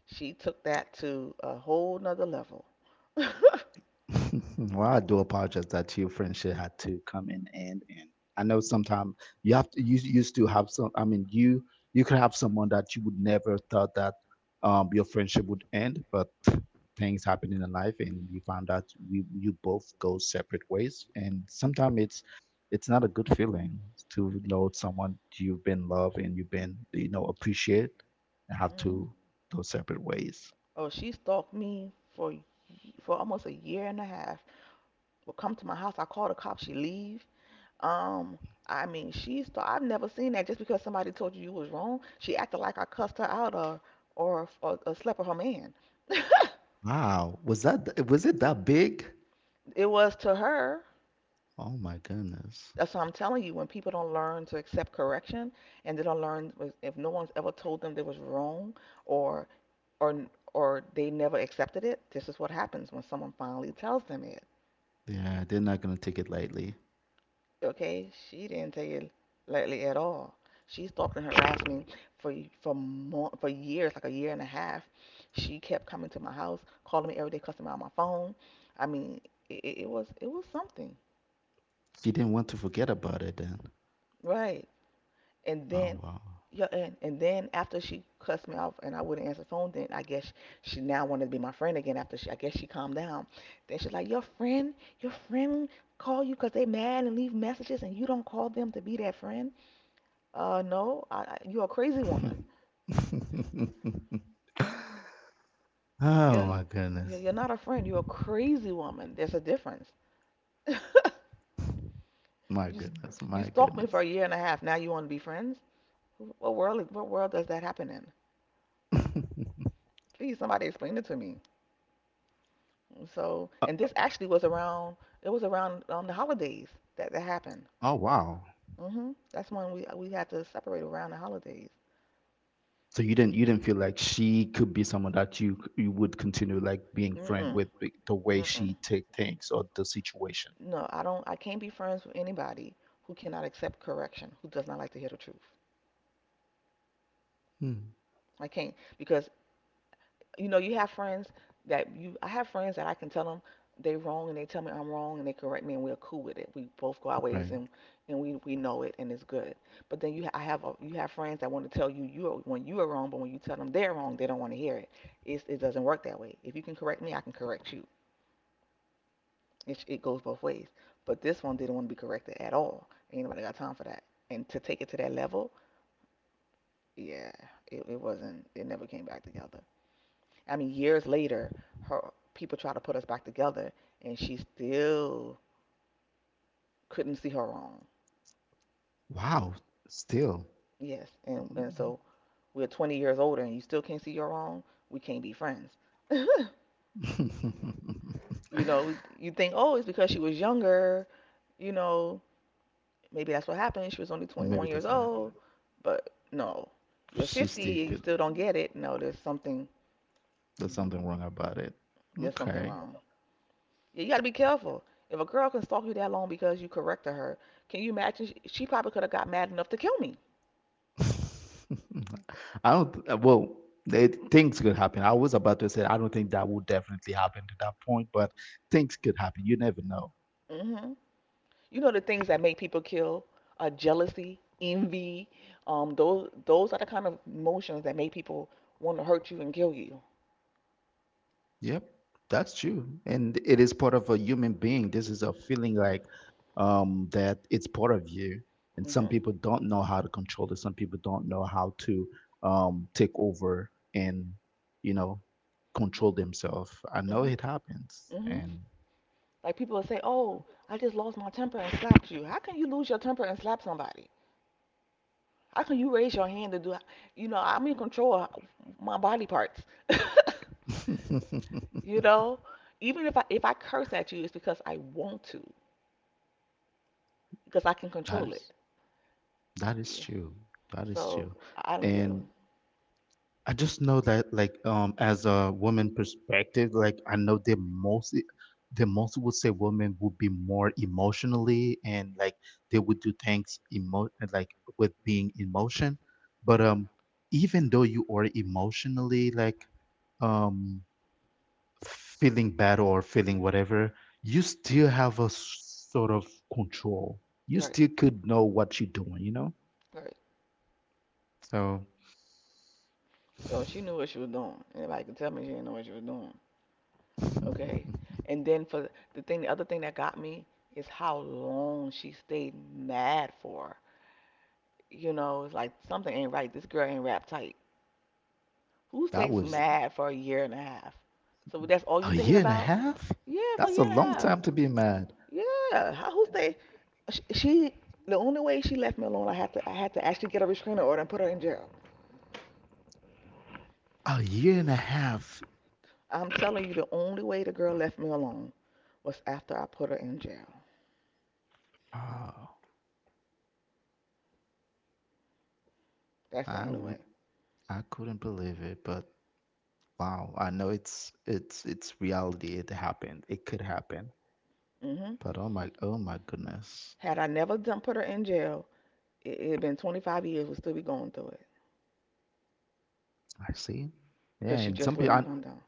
[SPEAKER 2] She took that to a whole nother level. hmm
[SPEAKER 1] Well, I do apologize that your friendship had to come in, and I know sometimes you used to have some. I mean, you could have someone that you would never thought that your friendship would end, but things happen in life and you found out, we you both go separate ways. And sometimes it's not a good feeling to know someone you've been loved and you've been, appreciated, and have to go separate ways.
[SPEAKER 2] Oh, she stalked me for for almost a year and a half. Would come to my house. I call the cops. She leave. Um, I mean, she thought I've never seen that. Just because somebody told you you was wrong, she acted like I cussed her out or or slept with her man.
[SPEAKER 1] Wow, was it that big?
[SPEAKER 2] It was to her.
[SPEAKER 1] Oh my goodness.
[SPEAKER 2] That's what I'm telling you. When people don't learn to accept correction, and they don't learn if no one's ever told them they was wrong, or or or they never accepted it, this is what happens when someone finally tells them it.
[SPEAKER 1] Yeah, they're not gonna take it lightly.
[SPEAKER 2] Okay, she didn't tell you lately at all. She stalked and harassed me for for years, like a year and a half. She kept coming to my house, calling me every day, cussing me on my phone. I mean, it was it was something,
[SPEAKER 1] You didn't want to forget about it then.
[SPEAKER 2] right? And
[SPEAKER 1] Oh,
[SPEAKER 2] then
[SPEAKER 1] wow.
[SPEAKER 2] yeah, and then after she cussed me off and I wouldn't answer the phone, then I guess she now wanted to be my friend again. After she, I guess she calmed down. Then she's like, your friend call you 'cause they mad and leave messages and you don't call them to be that friend. No, you're a crazy woman.
[SPEAKER 1] Oh
[SPEAKER 2] You're,
[SPEAKER 1] my
[SPEAKER 2] you're
[SPEAKER 1] goodness.
[SPEAKER 2] you're not a friend. You're a crazy woman. There's a difference.
[SPEAKER 1] My
[SPEAKER 2] You s-
[SPEAKER 1] goodness.
[SPEAKER 2] you
[SPEAKER 1] My
[SPEAKER 2] stalked me for
[SPEAKER 1] goodness.
[SPEAKER 2] a year and a half. Now you want to be friends? What world does that happen in? Please, somebody explain it to me. So,
[SPEAKER 1] Uh,
[SPEAKER 2] and this actually was around the holidays that happened.
[SPEAKER 1] oh, wow.
[SPEAKER 2] Hmm That's when we had to separate around the holidays.
[SPEAKER 1] So you didn't feel like she could be someone that you would continue, like, being friend
[SPEAKER 2] Mm-mm,
[SPEAKER 1] with, the way
[SPEAKER 2] mm-mm.
[SPEAKER 1] she take things or the situation.
[SPEAKER 2] No, I don't. I can't be friends with anybody who cannot accept correction, who does not like to hear the truth.
[SPEAKER 1] Hmm.
[SPEAKER 2] I can't because you know you have friends that you I have friends that I can tell them they wrong and they tell me I'm wrong and they correct me and we're cool with it, we both go our ways,
[SPEAKER 1] Right.
[SPEAKER 2] and and we know it and it's good. But then I have a, you have friends that want to tell you you are, when you are wrong, but when you tell them they're wrong, they don't want to hear it it's, it doesn't work that way. If you can correct me, I can correct you. It goes both ways, but this one didn't want to be corrected at all. Ain't nobody got time for that and to take it to that level. Yeah, it wasn't, it never came back together. I mean, years later, her people try to put us back together, and she still couldn't see her wrong.
[SPEAKER 1] Wow. Still.
[SPEAKER 2] Yes, and so we're 20 years older, and you still can't see your wrong. We can't be friends. You know, you think, oh, it's because she was younger. You know, maybe that's what happened. She was only 21
[SPEAKER 1] Maybe
[SPEAKER 2] years
[SPEAKER 1] that's why.
[SPEAKER 2] old, but no, you're
[SPEAKER 1] She still
[SPEAKER 2] 50 and you
[SPEAKER 1] could.
[SPEAKER 2] still don't get it. No, there's something,
[SPEAKER 1] There's
[SPEAKER 2] mm-hmm,
[SPEAKER 1] something wrong about it.
[SPEAKER 2] there's something
[SPEAKER 1] Okay.
[SPEAKER 2] wrong. Yeah, you got to be careful. If a girl can stalk you that long because you corrected her, can you imagine? She probably could have got mad enough to kill me.
[SPEAKER 1] I don't. Well, things could happen. I was about to say I don't think that would definitely happen to that point, but things could happen. You never know.
[SPEAKER 2] Hmm You know the things that make people kill are jealousy, envy. Those are the kind of emotions that make people want to hurt you and kill you.
[SPEAKER 1] Yep, that's true. And it is part of a human being. This is a feeling, like, that it's part of you. And some
[SPEAKER 2] Hmm
[SPEAKER 1] people don't know how to control it. Some people don't know how to take over and, you know, control themselves. I know
[SPEAKER 2] hmm
[SPEAKER 1] it happens.
[SPEAKER 2] hmm
[SPEAKER 1] And
[SPEAKER 2] Like people will say, "Oh, I just lost my temper and slapped you." How can you lose your temper and slap somebody? How can you raise your hand to do? You know, I'm in control of my body parts. You know, even if I curse at you, it's because I want to, because I can
[SPEAKER 1] that
[SPEAKER 2] control it.
[SPEAKER 1] is that is
[SPEAKER 2] Yeah.
[SPEAKER 1] true. That is
[SPEAKER 2] So
[SPEAKER 1] true.
[SPEAKER 2] I don't get
[SPEAKER 1] And
[SPEAKER 2] them.
[SPEAKER 1] I just know that, like, as a woman perspective, like, I know the most would say women would be more emotionally, and like they would do things, emo like, with being emotion. But even though you are emotionally, like, um feeling bad or feeling whatever, you still have a sort of control. You
[SPEAKER 2] Right,
[SPEAKER 1] still could know what you're doing, you know?
[SPEAKER 2] right.
[SPEAKER 1] So
[SPEAKER 2] Oh, she knew what she was doing. Anybody can tell me she didn't know what she was doing. Okay. And then for the other thing that got me is how long she stayed mad for. You know, it's like something ain't right. This girl ain't wrapped tight. Who
[SPEAKER 1] that
[SPEAKER 2] stays Mm.
[SPEAKER 1] was
[SPEAKER 2] mad for a year and a half? So that's all you
[SPEAKER 1] a
[SPEAKER 2] Oh thinking
[SPEAKER 1] year
[SPEAKER 2] yeah.
[SPEAKER 1] and a
[SPEAKER 2] about?
[SPEAKER 1] half?
[SPEAKER 2] Yeah, for a
[SPEAKER 1] That's a
[SPEAKER 2] year and a
[SPEAKER 1] long
[SPEAKER 2] half.
[SPEAKER 1] time to be mad.
[SPEAKER 2] Yeah. How who stay? She, the only way she left me alone, I had to actually get a restraining order and put her in jail.
[SPEAKER 1] A year and a half.
[SPEAKER 2] I'm telling you, the only way the girl left me alone was after I put her in jail.
[SPEAKER 1] Oh,
[SPEAKER 2] That's the
[SPEAKER 1] I
[SPEAKER 2] only way.
[SPEAKER 1] would I couldn't believe it, but wow, I know it's reality. It happened. It could happen.
[SPEAKER 2] Hmm
[SPEAKER 1] But oh my goodness.
[SPEAKER 2] Had I never done put her in jail, it had been 25 years, we'd still be going through it,
[SPEAKER 1] I see. Yeah,
[SPEAKER 2] because she
[SPEAKER 1] and
[SPEAKER 2] just
[SPEAKER 1] some people,
[SPEAKER 2] wouldn't come down.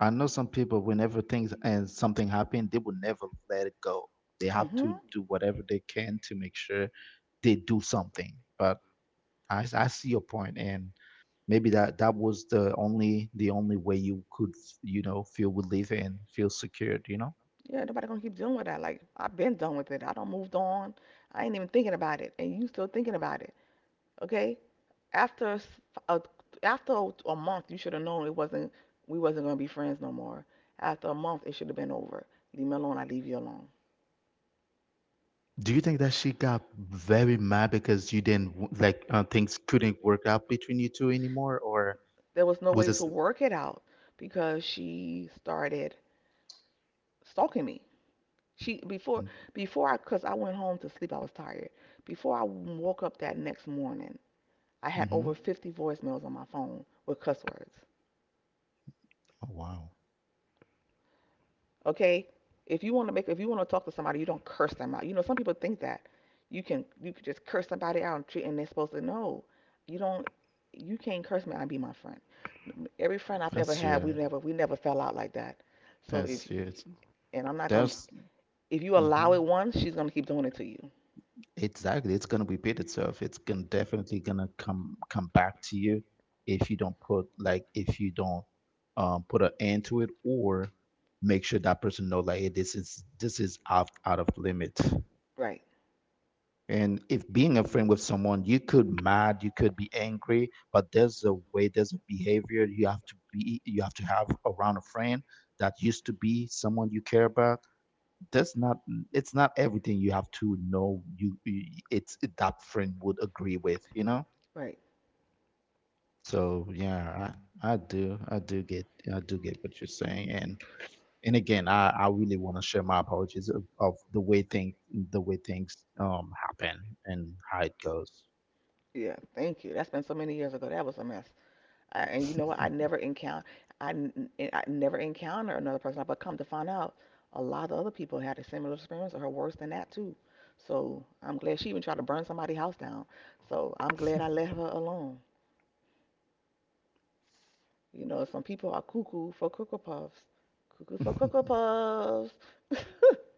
[SPEAKER 1] I know some people, whenever things and something happen, they will never let it go. They have
[SPEAKER 2] Hmm
[SPEAKER 1] to do whatever they can to make sure they do something. But I see your point, and maybe that was the only way you could, feel relief and feel secured.
[SPEAKER 2] Yeah, nobody gonna keep dealing with that. Like, I've been done with it. I don't moved on. I ain't even thinking about it, and you still thinking about it. Okay, after a, s- a- after a month, you should have known it wasn't, we wasn't gonna be friends no more. After a month, it should have been over. Leave me alone. I leave you alone.
[SPEAKER 1] Do you think that she got very mad because you didn't w- like, things couldn't work out between you two anymore, or
[SPEAKER 2] There was no
[SPEAKER 1] was
[SPEAKER 2] way to
[SPEAKER 1] this?
[SPEAKER 2] work it out because she started stalking me. She before Before I, cause I went home to sleep. I was tired. Before I woke up that next morning, I had
[SPEAKER 1] Mm-hmm.
[SPEAKER 2] over 50 voicemails on my phone with cuss words.
[SPEAKER 1] Oh, wow,
[SPEAKER 2] Okay, if you want to make if you want to talk to somebody, you don't curse them out. You know, some people think that you can just curse somebody out and treat, and they're supposed to know. You don't, you can't curse me and be my friend. Every friend I've ever
[SPEAKER 1] that's
[SPEAKER 2] had,
[SPEAKER 1] yeah,
[SPEAKER 2] we never, we never fell out like that. So
[SPEAKER 1] that's
[SPEAKER 2] if,
[SPEAKER 1] yeah,
[SPEAKER 2] and I'm not gonna,
[SPEAKER 1] that's
[SPEAKER 2] if you
[SPEAKER 1] mm-hmm.
[SPEAKER 2] allow it once, she's gonna keep doing it to you.
[SPEAKER 1] Exactly. It's going to repeat itself. It's going definitely going to come back to you if you don't put like, if you don't, put an end to it or make sure that person know, like, hey, this is out of limit.
[SPEAKER 2] Right,
[SPEAKER 1] And if being a friend with someone, you could mad, you could be angry, but there's a way, there's a behavior you have to have around a friend that used to be someone you care about. That's not it's not everything. You have to know, it's that friend would agree with,
[SPEAKER 2] right.
[SPEAKER 1] so, yeah. I, I do I do get I do get what you're saying, and again, I really want to share my apologies of the way things, happen, and how it goes.
[SPEAKER 2] Yeah, thank you. That's been so many years ago. That was a mess. And you know what? I never encounter. I never encounter another person. But come to find out, a lot of other people had a similar experience, or worse than that too. So I'm glad, she even tried to burn somebody's house down. So I'm glad I let her alone. You know, some people are cuckoo for cuckoo puffs, cuckoo for cuckoo puffs.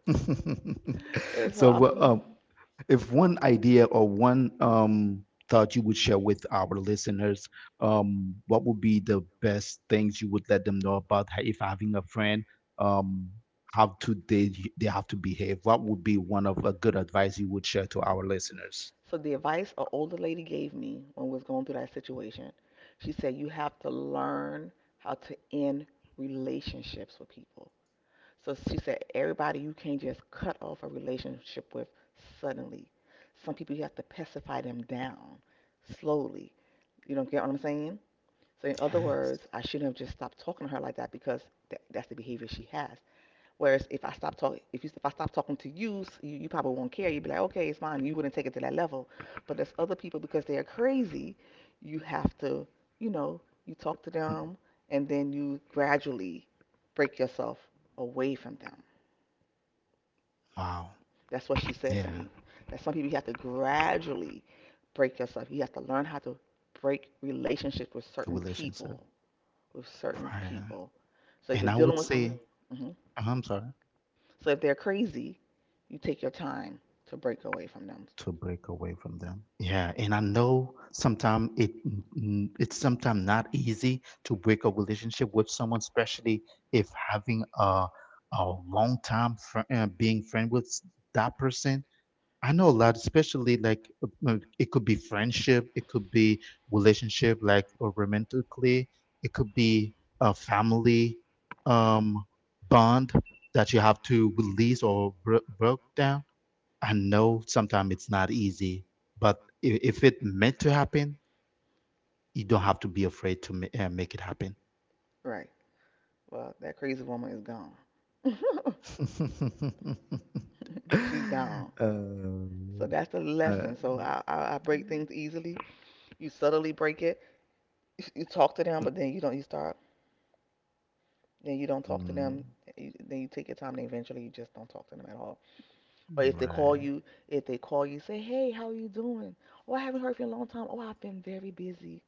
[SPEAKER 2] And so
[SPEAKER 1] So,
[SPEAKER 2] I'm.
[SPEAKER 1] if one idea or one, thought you would share with our listeners, what would be the best things you would let them know about, if having a friend, um, how to they have to behave? What would be one of a good advice you would share to our listeners?
[SPEAKER 2] So the advice an older lady gave me when we was going through that situation, she said you have to learn how to end relationships with people. So she said, everybody, you can't just cut off a relationship with suddenly. Some people you have to pacify them down slowly. You don't get what I'm saying? So in other
[SPEAKER 1] Yes.
[SPEAKER 2] words, I shouldn't have just stopped talking to her like that because that's the behavior she has. Whereas if I stop talking, if I stop talking to you, you probably won't care. You'd be like, okay, it's fine. You wouldn't take it to that level. But there's other people, because they are crazy, you have to, you know, you talk to
[SPEAKER 1] Mm.
[SPEAKER 2] them and then you gradually break yourself away from them.
[SPEAKER 1] Wow.
[SPEAKER 2] That's what she said to
[SPEAKER 1] Yeah.
[SPEAKER 2] me. That some people you have to gradually break yourself. You have to learn how to break relationships with
[SPEAKER 1] The
[SPEAKER 2] certain
[SPEAKER 1] relationship.
[SPEAKER 2] people. With certain
[SPEAKER 1] Right.
[SPEAKER 2] people. So if
[SPEAKER 1] And
[SPEAKER 2] you're
[SPEAKER 1] I
[SPEAKER 2] dealing
[SPEAKER 1] would
[SPEAKER 2] with some,
[SPEAKER 1] say,
[SPEAKER 2] hmm
[SPEAKER 1] I'm sorry.
[SPEAKER 2] so if they're crazy, you take your time to break away from them.
[SPEAKER 1] To break away from them. Yeah, and I know sometimes it's sometimes not easy to break a relationship with someone, especially if having a long time being friend with that person. I know a lot, especially, like, it could be friendship, it could be relationship, like, or romantically, it could be a family, um, bond that you have to release or broke down. I know sometimes it's not easy, but if it meant to happen, you don't have to be afraid to make it happen.
[SPEAKER 2] Right. Well, that crazy woman is gone. She's gone.
[SPEAKER 1] uh,
[SPEAKER 2] So that's the
[SPEAKER 1] uh,
[SPEAKER 2] lesson. So I break things easily. You subtly break it. You talk to them,
[SPEAKER 1] Uh,
[SPEAKER 2] but then you don't. You start, then you don't talk to
[SPEAKER 1] mm.
[SPEAKER 2] them. Then you take your time, and eventually you just don't talk to them at all. Or if they call
[SPEAKER 1] Right,
[SPEAKER 2] you, say, "Hey, how are you doing? Oh, I haven't heard from you in a long time. Oh, I've been very busy.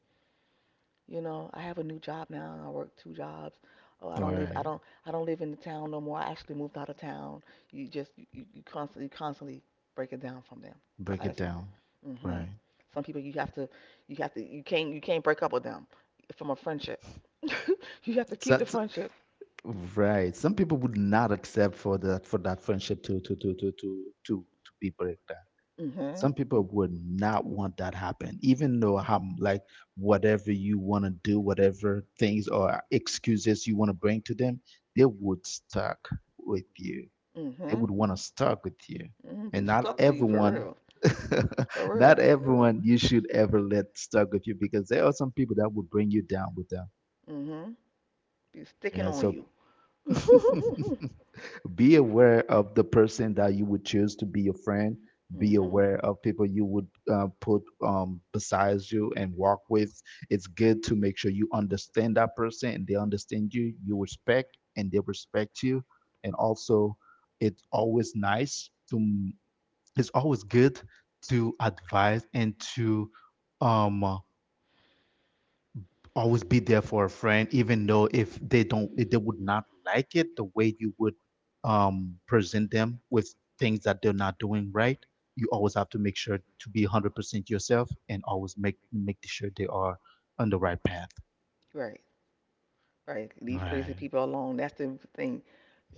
[SPEAKER 2] You know, I have a new job now. I work two jobs. Oh,
[SPEAKER 1] right.
[SPEAKER 2] I don't live in the town no more. I actually moved out of town." You just, you constantly, constantly break it down from them. So
[SPEAKER 1] Break
[SPEAKER 2] I
[SPEAKER 1] it
[SPEAKER 2] just,
[SPEAKER 1] down.
[SPEAKER 2] mm hmm
[SPEAKER 1] Right.
[SPEAKER 2] Some people you have to, you can't break up with them from a friendship. You have to
[SPEAKER 1] So
[SPEAKER 2] keep the
[SPEAKER 1] that's
[SPEAKER 2] friendship.
[SPEAKER 1] right. Some people would not accept for that friendship to be break.
[SPEAKER 2] Mm hmm
[SPEAKER 1] Some people would not want that happen, even though how, like, whatever you want to do, whatever things or excuses you want to bring to them, they would stuck with you.
[SPEAKER 2] Mm
[SPEAKER 1] They
[SPEAKER 2] hmm
[SPEAKER 1] would want to stuck with you.
[SPEAKER 2] hmm Be
[SPEAKER 1] And not
[SPEAKER 2] stuck to you for
[SPEAKER 1] everyone,
[SPEAKER 2] real. For
[SPEAKER 1] not
[SPEAKER 2] real.
[SPEAKER 1] everyone you should ever let stuck with you, because there are some people that will bring you down with them.
[SPEAKER 2] Hmm Be sticking
[SPEAKER 1] Yeah,
[SPEAKER 2] on
[SPEAKER 1] so
[SPEAKER 2] you.
[SPEAKER 1] be aware of the person that you would choose to be your friend. Be
[SPEAKER 2] hmm
[SPEAKER 1] aware of people you would, put, besides you and walk with. It's good to make sure you understand that person and they understand you, you respect and they respect you. And also, it's always nice to it's always good to advise and to um always be there for a friend, even though if they don't if they would not like it the way you would, present them with things that they're not doing right. You always have to make sure to be 100% yourself and always make sure they are on the right path.
[SPEAKER 2] Right. Right.
[SPEAKER 1] All
[SPEAKER 2] Leave crazy
[SPEAKER 1] right.
[SPEAKER 2] people alone. That's the thing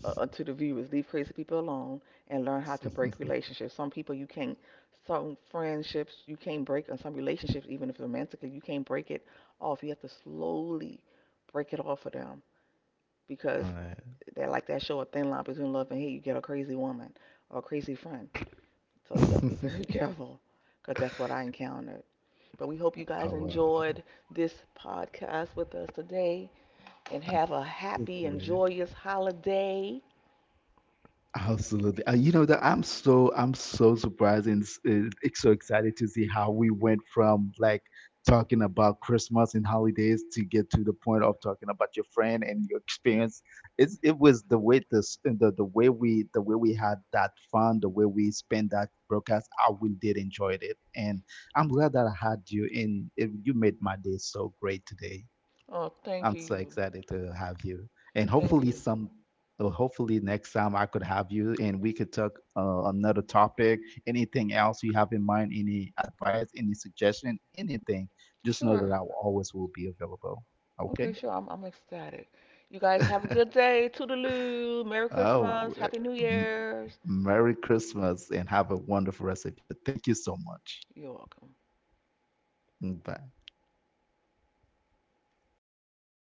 [SPEAKER 2] to the viewers. Leave crazy people alone and learn how to break relationships. Some people you can't, some friendships you can't break, and some relationships, even if romantically, you can't break it off. You have to slowly break it off for them, because
[SPEAKER 1] All
[SPEAKER 2] they're like that show, A Thin Line Between Love and Hate. You get a crazy woman or a crazy friend. So you have to be
[SPEAKER 1] right.
[SPEAKER 2] very careful because that's what I encountered. But we hope you guys
[SPEAKER 1] Oh,
[SPEAKER 2] enjoyed this podcast with us today and have a happy and
[SPEAKER 1] wow.
[SPEAKER 2] joyous holiday.
[SPEAKER 1] Absolutely. You know that I'm so surprised and it's so excited to see how we went from, like, talking about Christmas and holidays to get to the point of talking about your friend and your experience. It was the way this and the way we had that fun, the way we spent that broadcast. I really did enjoy it, and I'm glad that I had you. And it, you made my day so great today.
[SPEAKER 2] Oh, thank
[SPEAKER 1] I'm so
[SPEAKER 2] you.
[SPEAKER 1] excited to have you. And
[SPEAKER 2] Thank you.
[SPEAKER 1] hopefully next time I could have you and we could talk, another topic, anything else you have in mind, any advice, any suggestion, anything. Just know that
[SPEAKER 2] Sure.
[SPEAKER 1] I will always will be available. Okay?
[SPEAKER 2] Okay, sure. I'm ecstatic. You guys have a good day. Toodaloo. Merry
[SPEAKER 1] Oh,
[SPEAKER 2] Christmas. Happy New
[SPEAKER 1] m-
[SPEAKER 2] Year's.
[SPEAKER 1] Merry Christmas and have a wonderful rest of your. Thank you so much.
[SPEAKER 2] You're welcome.
[SPEAKER 1] Mm. Bye.